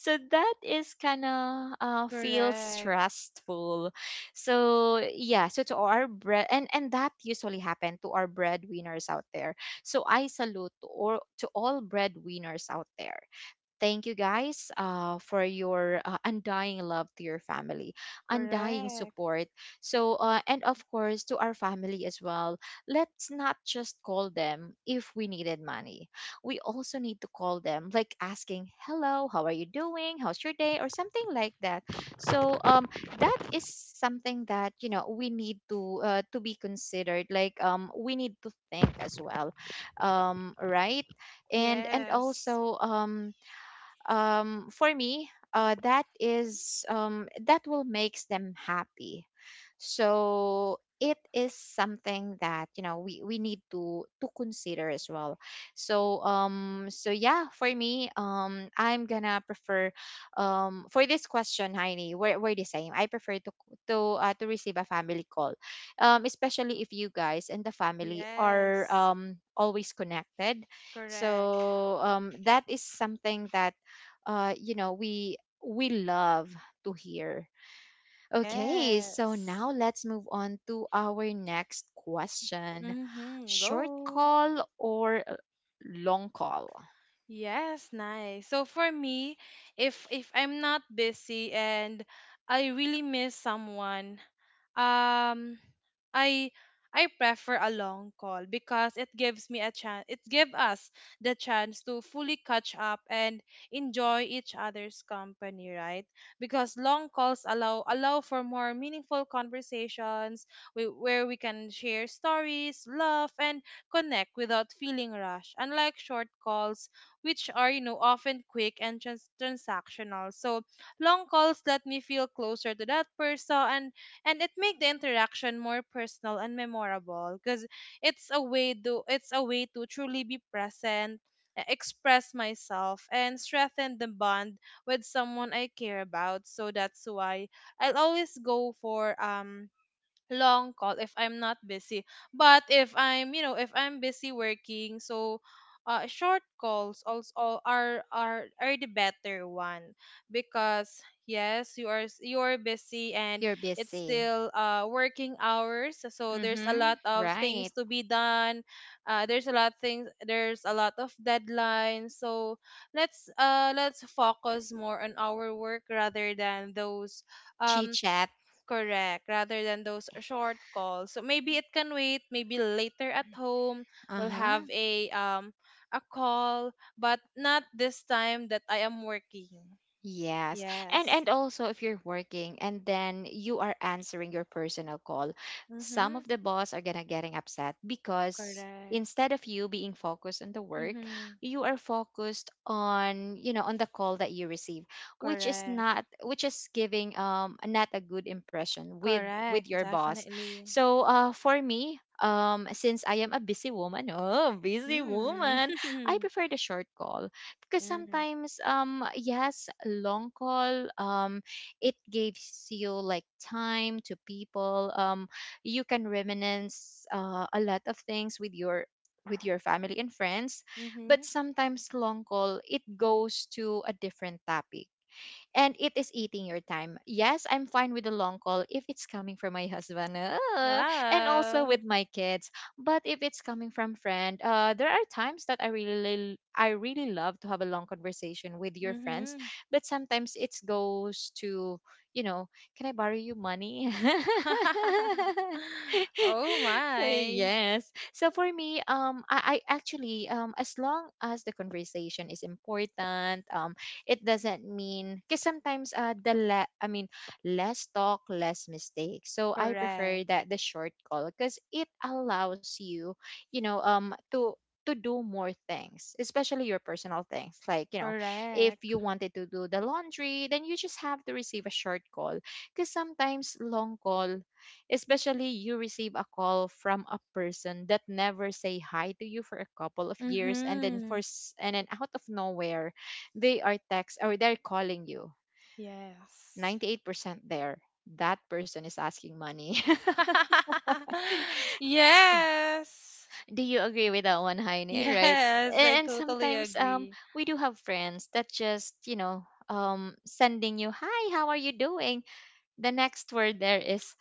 [SPEAKER 1] So that is kind of feels
[SPEAKER 2] Correct.
[SPEAKER 1] stressful. So yeah, so to our bread and that usually happen to our breadwinners out there. So I salute to or to all breadwinners out there. Thank you guys for your undying love to your family, undying
[SPEAKER 2] Correct.
[SPEAKER 1] support. So, and of course, to our family as well, let's not just call them if we needed money. We also need to call them, like asking, hello, how are you doing? How's your day? Or something like that. So, that is something that, you know, we need to be considered. Like, we need to think as well, right? And
[SPEAKER 2] Yes.
[SPEAKER 1] also, for me, that is that will makes them happy. So it is something that you know we need to consider as well. So yeah, for me I'm gonna prefer for this question, Heini, we're the same. I prefer to to receive a family call, especially if you guys and the family are
[SPEAKER 2] Yes.
[SPEAKER 1] always connected.
[SPEAKER 2] Correct.
[SPEAKER 1] So that is something that you know, we love to hear. Okay, so
[SPEAKER 2] Yes.
[SPEAKER 1] now let's move on to our next question.
[SPEAKER 2] Mm-hmm.
[SPEAKER 1] Short
[SPEAKER 2] Go.
[SPEAKER 1] call or long call?
[SPEAKER 2] Yes, nice. So for me, if I'm not busy and I really miss someone, um I I prefer a long call because it gives us the chance to fully catch up and enjoy each other's company, right? Because long calls allow for more meaningful conversations where we can share stories, laugh and connect without feeling rushed, unlike short calls which are often quick and transactional. So long calls let me feel closer to that person, and it make the interaction more personal and memorable because it's a way to truly be present, express myself, and strengthen the bond with someone I care about. So that's why I'll always go for long call if I'm not busy. But if I'm busy working, so short calls also are the better one, because yes, you are busy, and
[SPEAKER 1] You're
[SPEAKER 2] it's
[SPEAKER 1] busy.
[SPEAKER 2] still working hours, so there's a
[SPEAKER 1] Mm-hmm.
[SPEAKER 2] lot of
[SPEAKER 1] Right.
[SPEAKER 2] things to be done. There's a lot things, there's a lot of deadlines. So let's focus more on our work rather than those...
[SPEAKER 1] Chit
[SPEAKER 2] um
[SPEAKER 1] chat.
[SPEAKER 2] correct, rather than those short calls. So maybe it can wait, maybe later at home we'll
[SPEAKER 1] Uh-huh.
[SPEAKER 2] have a call, but not this time that I am working.
[SPEAKER 1] Yes. And
[SPEAKER 2] Yes.
[SPEAKER 1] and also if you're working and then you are answering your personal call, some
[SPEAKER 2] Mhm.
[SPEAKER 1] of the boss are gonna getting upset because
[SPEAKER 2] Correct.
[SPEAKER 1] instead of you being focused on the work,
[SPEAKER 2] Mhm.
[SPEAKER 1] you are focused on, you know, on the call that you receive, which is
[SPEAKER 2] Correct.
[SPEAKER 1] not, which is giving not a good impression with
[SPEAKER 2] Correct,
[SPEAKER 1] your boss.
[SPEAKER 2] definitely.
[SPEAKER 1] So for me, since I am a busy woman, oh busy woman, I
[SPEAKER 2] Mm.
[SPEAKER 1] prefer the short call because
[SPEAKER 2] Mm.
[SPEAKER 1] sometimes yes, long call it gives you like time to people you can reminisce a lot of things with your family and friends,
[SPEAKER 2] Mhm.
[SPEAKER 1] but sometimes long call it goes to a different topic and it is eating your time. Yes, I'm fine with the long call if it's coming from my husband and also
[SPEAKER 2] Wow.
[SPEAKER 1] with my kids. But if it's coming from friend, there are times that I really love to have a long conversation with your friends,
[SPEAKER 2] Mhm.
[SPEAKER 1] but sometimes it goes to, you know, can I borrow you money?
[SPEAKER 2] Oh my.
[SPEAKER 1] Yes. So for me, I actually, as long as the conversation is important, it doesn't mean because sometimes the le- I mean less talk, less mistakes. So I prefer
[SPEAKER 2] Correct.
[SPEAKER 1] that the short call because it allows you, you know, to do more things, especially your personal things. Like, you know, if
[SPEAKER 2] Correct.
[SPEAKER 1] you wanted to do the laundry, then you just have to receive a short call. Because sometimes long call, especially you receive a call from a person that never say hi to you for a couple of years and then
[SPEAKER 2] Mm-hmm.
[SPEAKER 1] and then out of nowhere they are text or they're calling you
[SPEAKER 2] Yes.
[SPEAKER 1] 98%, there, that person is asking money.
[SPEAKER 2] Yes.
[SPEAKER 1] Do you agree with that one, Heine, right?
[SPEAKER 2] Yes, I
[SPEAKER 1] And
[SPEAKER 2] totally
[SPEAKER 1] sometimes
[SPEAKER 2] agree.
[SPEAKER 1] we do have friends that just you know sending you hi how are you doing, the next word there is,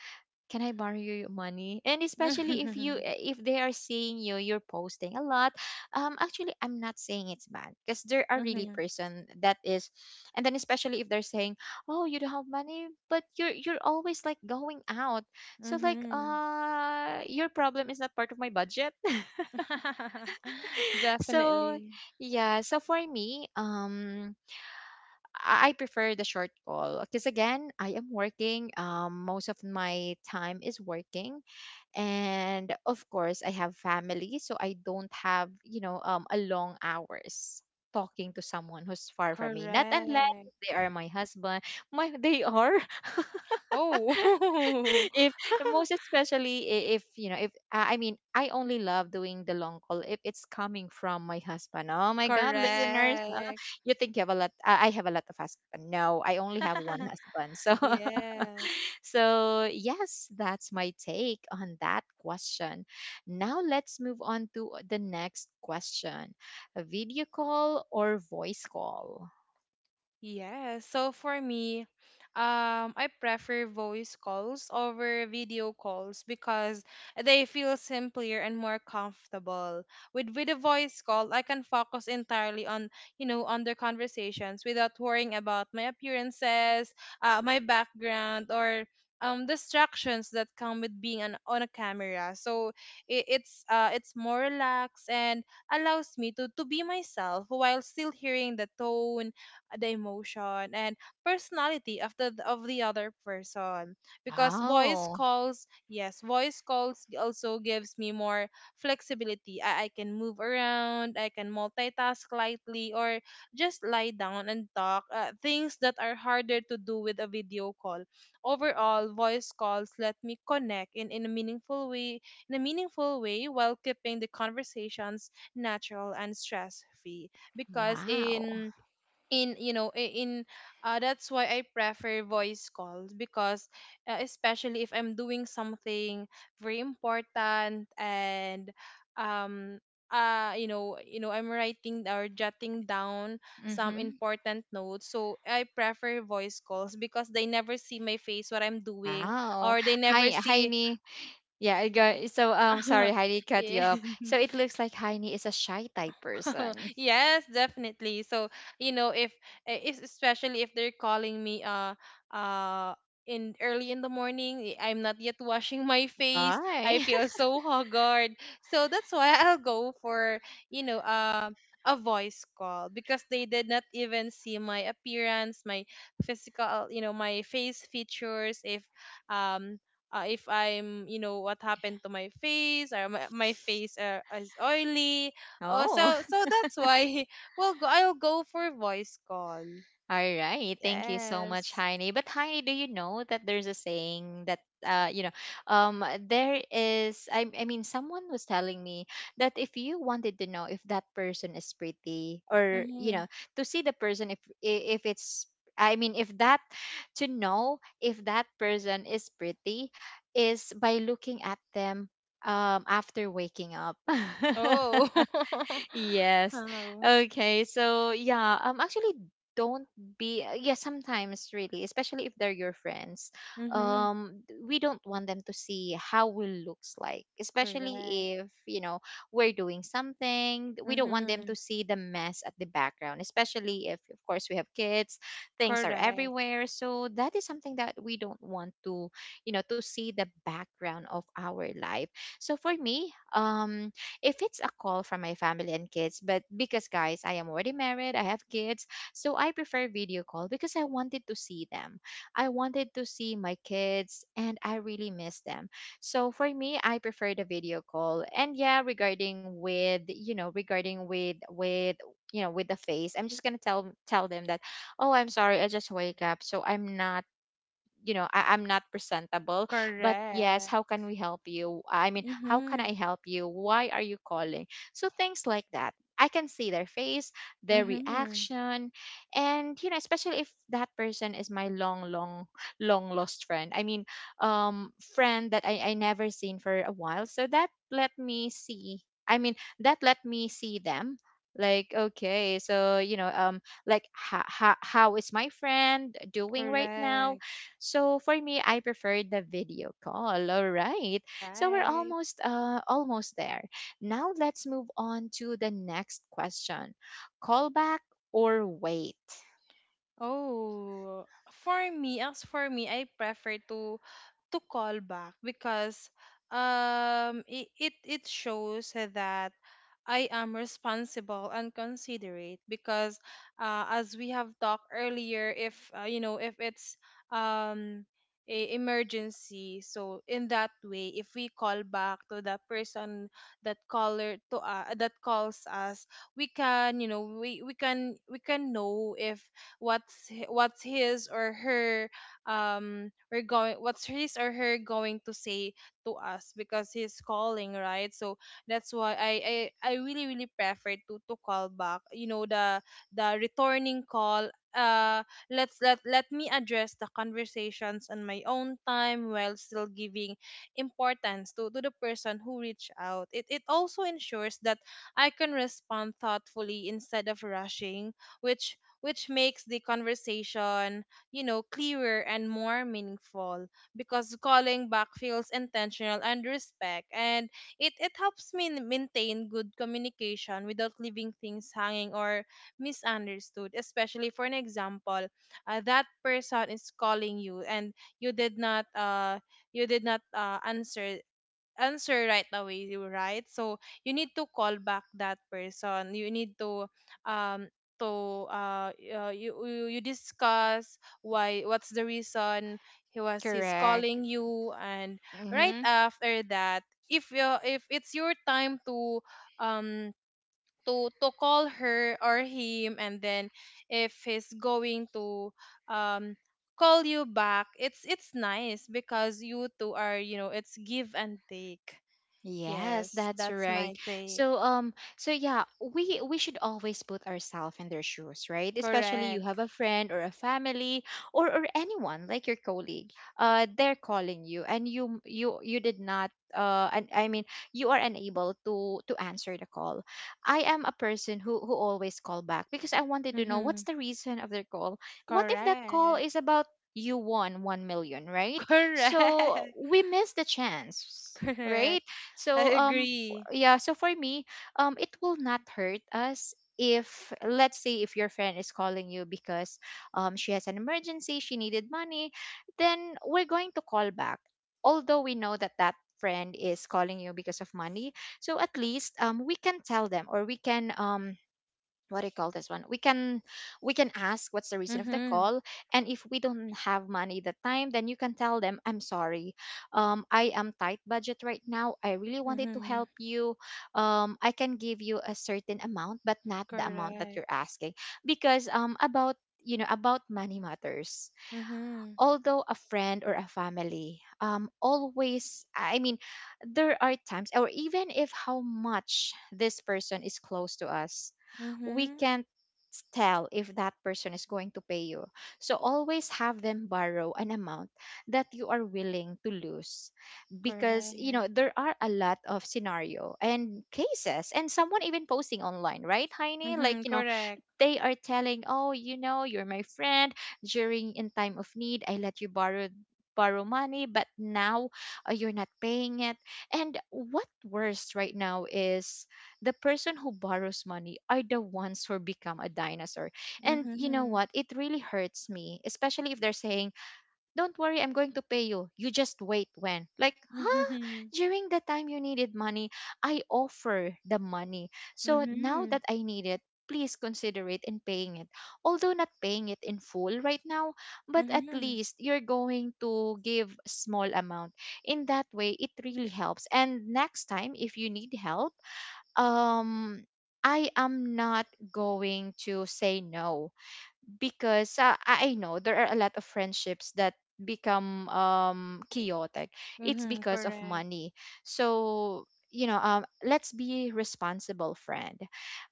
[SPEAKER 1] can I borrow your money? And especially if you if they are seeing you, you're posting a lot. Actually, I'm not saying it's bad because there are really
[SPEAKER 2] Mhm.
[SPEAKER 1] person that is, and then especially if they're saying, oh, you don't have money, but you're always like going out. So
[SPEAKER 2] Mhm.
[SPEAKER 1] like,
[SPEAKER 2] Mhm.
[SPEAKER 1] your problem is not part of my budget. So
[SPEAKER 2] Definitely.
[SPEAKER 1] yeah, so for me, I prefer the short call because again I am working, most of my time is working. And of course I have family, so I don't have you know a long hours talking to someone who's far from me, not unless
[SPEAKER 2] Correct.
[SPEAKER 1] they are my husband, my they are
[SPEAKER 2] Oh.
[SPEAKER 1] if most especially if you know if I I mean I only love doing the long call if it's coming from my husband. Oh my god, listeners, huh?
[SPEAKER 2] Correct.
[SPEAKER 1] You think you have a lot I have a lot of husband? No, I only have one husband. So
[SPEAKER 2] Yes.
[SPEAKER 1] so, yes, that's my take on that question. Now, let's move on to the next question, a video call or voice call?
[SPEAKER 2] Yes. So for me, I prefer voice calls over video calls because they feel simpler and more comfortable. With a voice call, I can focus entirely on on the conversations without worrying about my appearances, my background, or distractions that come with being on a camera. So it's more relaxed and allows me to be myself while still hearing the tone, the emotion and personality of the other person because voice
[SPEAKER 1] Oh,
[SPEAKER 2] calls yes voice calls also gives me more flexibility. I can move around, I can multitask lightly or just lie down and talk, things that are harder to do with a video call. Overall, voice calls let me connect in a meaningful way while keeping the conversations natural and stress free. Because
[SPEAKER 1] wow.
[SPEAKER 2] in you know I- in That's why I prefer voice calls because, especially if I'm doing something very important and um I'm writing or jotting down some
[SPEAKER 1] Mm-hmm.
[SPEAKER 2] important notes. So I prefer voice calls because they never see my face, what I'm doing,
[SPEAKER 1] Wow.
[SPEAKER 2] or they never
[SPEAKER 1] Hi,
[SPEAKER 2] see.
[SPEAKER 1] Heini. Yeah, I go. So, sorry, Heidi cut
[SPEAKER 2] Yeah.
[SPEAKER 1] you off. So, it looks like Heini is a shy type person.
[SPEAKER 2] Yes, definitely. So, you know, if, especially if they're calling me uh in early in the morning, I'm not yet washing my face,
[SPEAKER 1] Hi.
[SPEAKER 2] I feel so haggard. So that's why I'll go for, you know, a voice call because they did not even see my appearance, my physical, you know, my face features. Um if I'm, you know, what happened to my face, or my face is oily. Oh,
[SPEAKER 1] Oh.
[SPEAKER 2] so that's why we'll go. I'll go for voice call.
[SPEAKER 1] All right. Thank you so much,
[SPEAKER 2] Yes.
[SPEAKER 1] Heine. But Heine, do you know that there's a saying that you know, um, there is. I mean, someone was telling me that if you wanted to know if that person is pretty, or you
[SPEAKER 2] Mm-hmm.
[SPEAKER 1] know, to see the person if it's. I mean, if that to know if that person is pretty is by looking at them after waking up.
[SPEAKER 2] Oh.
[SPEAKER 1] Yes.
[SPEAKER 2] Oh.
[SPEAKER 1] Okay. So yeah, actually don't be yeah, sometimes really, especially if they're your friends.
[SPEAKER 2] Mm-hmm.
[SPEAKER 1] We don't want them to see how we looks like,
[SPEAKER 2] Correct.
[SPEAKER 1] especially if, you know, we're doing something. We don't want them
[SPEAKER 2] Mm-hmm.
[SPEAKER 1] to see the mess at the background, especially if of course we have kids, things are
[SPEAKER 2] Correct.
[SPEAKER 1] everywhere. So that is something that we don't want to, you know, to see the background of our life. So for me, if it's a call from my family and kids. But because, guys, I am already married, I have kids, so I prefer video call because I wanted to see them. I wanted to see my kids and I really miss them. So for me, I prefer the video call. And yeah, regarding with, you know, regarding you know, with the face, I'm just going to tell them that, oh, I'm sorry, I just wake up, so I'm not you know I'm not presentable, but yes,
[SPEAKER 2] Correct.
[SPEAKER 1] how can we help you, I mean, how can
[SPEAKER 2] Mm-hmm.
[SPEAKER 1] I help you, why are you calling, so things like that. I can see their face, their
[SPEAKER 2] Mm-hmm.
[SPEAKER 1] reaction, and you know, especially if that person is my long lost friend, I mean, friend that I never seen for a while, so that let me see, I mean, that let me see them, like okay, so you know like how is my friend doing right now.
[SPEAKER 2] Correct.
[SPEAKER 1] So for me, I prefer the video call. All right. So we're
[SPEAKER 2] Right.
[SPEAKER 1] almost almost there. Now let's move on to the next question. Call back or wait?
[SPEAKER 2] Oh, for me, as for me, I prefer to call back because, it shows that I am responsible and considerate because, as we have talked earlier, if, you know, if it's um a emergency. So in that way, if we call back to that person, that caller, to that calls us, we can, you know, we can know if what's h- what's his or her we're going what's his or her going to say to us because he's calling, right? So that's why I really really prefer to call back, you know, the returning call. uh let's let let me address the conversations on my own time while still giving importance to the person who reached out. It also ensures that I can respond thoughtfully instead of rushing, which makes the conversation, you know, clearer and more meaningful because calling back feels intentional and respect, and it helps me maintain good communication without leaving things hanging or misunderstood. Especially, for an example, that person is calling you and you did not uh you did not, answer, answer right away, you right? So you need to call back that person. You need um to you discuss why, what's the reason he's
[SPEAKER 1] Correct.
[SPEAKER 2] calling you. And right
[SPEAKER 1] Mm-hmm.
[SPEAKER 2] after that, if you, if it's your time to, um to call her or him, and then if he's going to, um call you back, it's nice because you two are, you know, it's give and take.
[SPEAKER 1] Yes,
[SPEAKER 2] Yes,
[SPEAKER 1] that's
[SPEAKER 2] that's my
[SPEAKER 1] right.
[SPEAKER 2] take.
[SPEAKER 1] So yeah, we should always put ourselves in their shoes, right? Especially you
[SPEAKER 2] Correct.
[SPEAKER 1] have a friend or a family or anyone like your colleague. They're calling you and you did not and I mean you are unable to answer the call. I am a person who always call back because I wanted to know
[SPEAKER 2] Mm-hmm.
[SPEAKER 1] what's the reason of their call. What if that call
[SPEAKER 2] Correct.
[SPEAKER 1] is about you won one million, right? So
[SPEAKER 2] Correct.
[SPEAKER 1] we miss the chance, right?
[SPEAKER 2] Correct. I
[SPEAKER 1] So
[SPEAKER 2] agree.
[SPEAKER 1] yeah, so for me, it will not hurt us, if let's say, if your friend is calling you because she has an emergency, she needed money, then we're going to call back. Although we know that that friend is calling you because of money, so at least we can tell them or we can what do you call this one, we can ask what's the reason of the
[SPEAKER 2] Mm-hmm.
[SPEAKER 1] call. And if we don't have money that time, then you can tell them, I'm sorry, I am tight budget right now, I really wanted to
[SPEAKER 2] Mm-hmm.
[SPEAKER 1] help you, I can give you a certain amount but not the amount that
[SPEAKER 2] Correct.
[SPEAKER 1] you're asking because about, you know, about money matters.
[SPEAKER 2] Mm-hmm.
[SPEAKER 1] Although a friend or a family always, I mean, there are times or even if how much this person is close to us, we
[SPEAKER 2] Mm-hmm.
[SPEAKER 1] can't tell if that person is going to pay you. So always have them borrow an amount that you are willing to lose, because
[SPEAKER 2] Correct.
[SPEAKER 1] you know there are a lot of scenario and cases and someone even posting online, right Heine, like
[SPEAKER 2] Mm-hmm.
[SPEAKER 1] you know
[SPEAKER 2] Correct.
[SPEAKER 1] they are telling, "Oh, you know, you're my friend. During in time of need, I let you borrow money, but now you're not paying it." And what worst right now is the person who borrows money are the ones who become a dinosaur. And you know
[SPEAKER 2] Mm-hmm.
[SPEAKER 1] what? It really hurts me, especially if they're saying, don't worry, I'm going to pay you. You just wait when. Like, huh?
[SPEAKER 2] Mm-hmm.
[SPEAKER 1] During the time you needed money, I offer the money. So now
[SPEAKER 2] Mm-hmm.
[SPEAKER 1] that I need it, please consider it in paying it. Although not paying it in full right now, but at
[SPEAKER 2] Mm-hmm.
[SPEAKER 1] least you're going to give a small amount. In that way, it really helps. And next time if you need help, um I am not going to say no because I know there are a lot of friendships that become chaotic. It's
[SPEAKER 2] Mm-hmm.
[SPEAKER 1] because of
[SPEAKER 2] Correct.
[SPEAKER 1] money. So you know, let's be responsible, friend.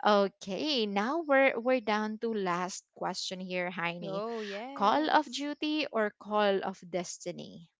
[SPEAKER 1] Okay, now we're down to last question here, Heini.
[SPEAKER 2] Oh,
[SPEAKER 1] Call of
[SPEAKER 2] yes.
[SPEAKER 1] Duty or Call of Destiny?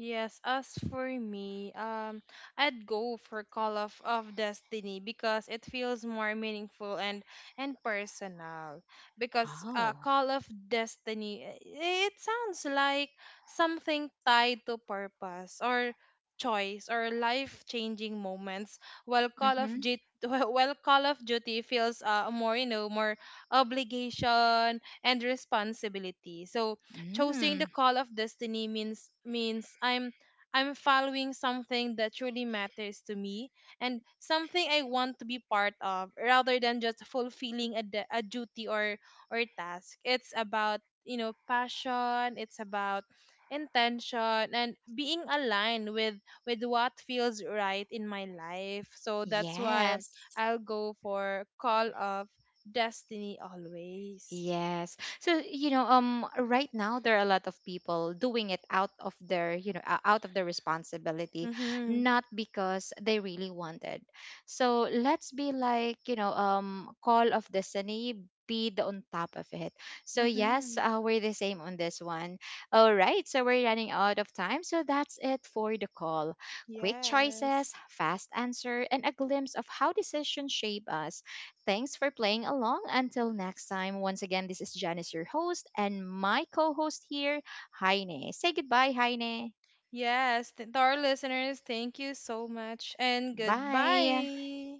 [SPEAKER 2] Yes, as for me, I'd go for Call of Destiny because it feels more meaningful and personal. Because,
[SPEAKER 1] Oh.
[SPEAKER 2] Call of Destiny, it sounds like something tied to purpose, or choice, or life-changing moments, while Call of
[SPEAKER 1] Mm-hmm.
[SPEAKER 2] Duty, while Call of Duty feels, more, you know, more obligation and responsibility. So choosing the
[SPEAKER 1] Mm.
[SPEAKER 2] Call of Destiny means I'm following something that truly matters to me and something I want to be part of, rather than just fulfilling a, a duty or task. It's about, you know, passion, it's about intention and being aligned with what feels right in my life. So that's why
[SPEAKER 1] Yes.
[SPEAKER 2] I'll go for Call of Destiny always.
[SPEAKER 1] Yes. So, you know, right now there are a lot of people doing it out of their, you know, out of their responsibility,
[SPEAKER 2] Mhm.
[SPEAKER 1] not because they really wanted. So, let's be like, you know, call of destiny be the on top of it. So, yes,
[SPEAKER 2] Mhm.
[SPEAKER 1] we're the same on this one. All right. So, we're running out of time. So, that's it for the call. Quick choices,
[SPEAKER 2] Yes.
[SPEAKER 1] fast answer, and a glimpse of how decisions shape us. Thanks for playing along. Until next time, once again, this is Janice, your host, and my co host here, Heine. Say goodbye, Heine.
[SPEAKER 2] Yes. To our listeners, thank you so much and
[SPEAKER 1] Bye.
[SPEAKER 2] goodbye.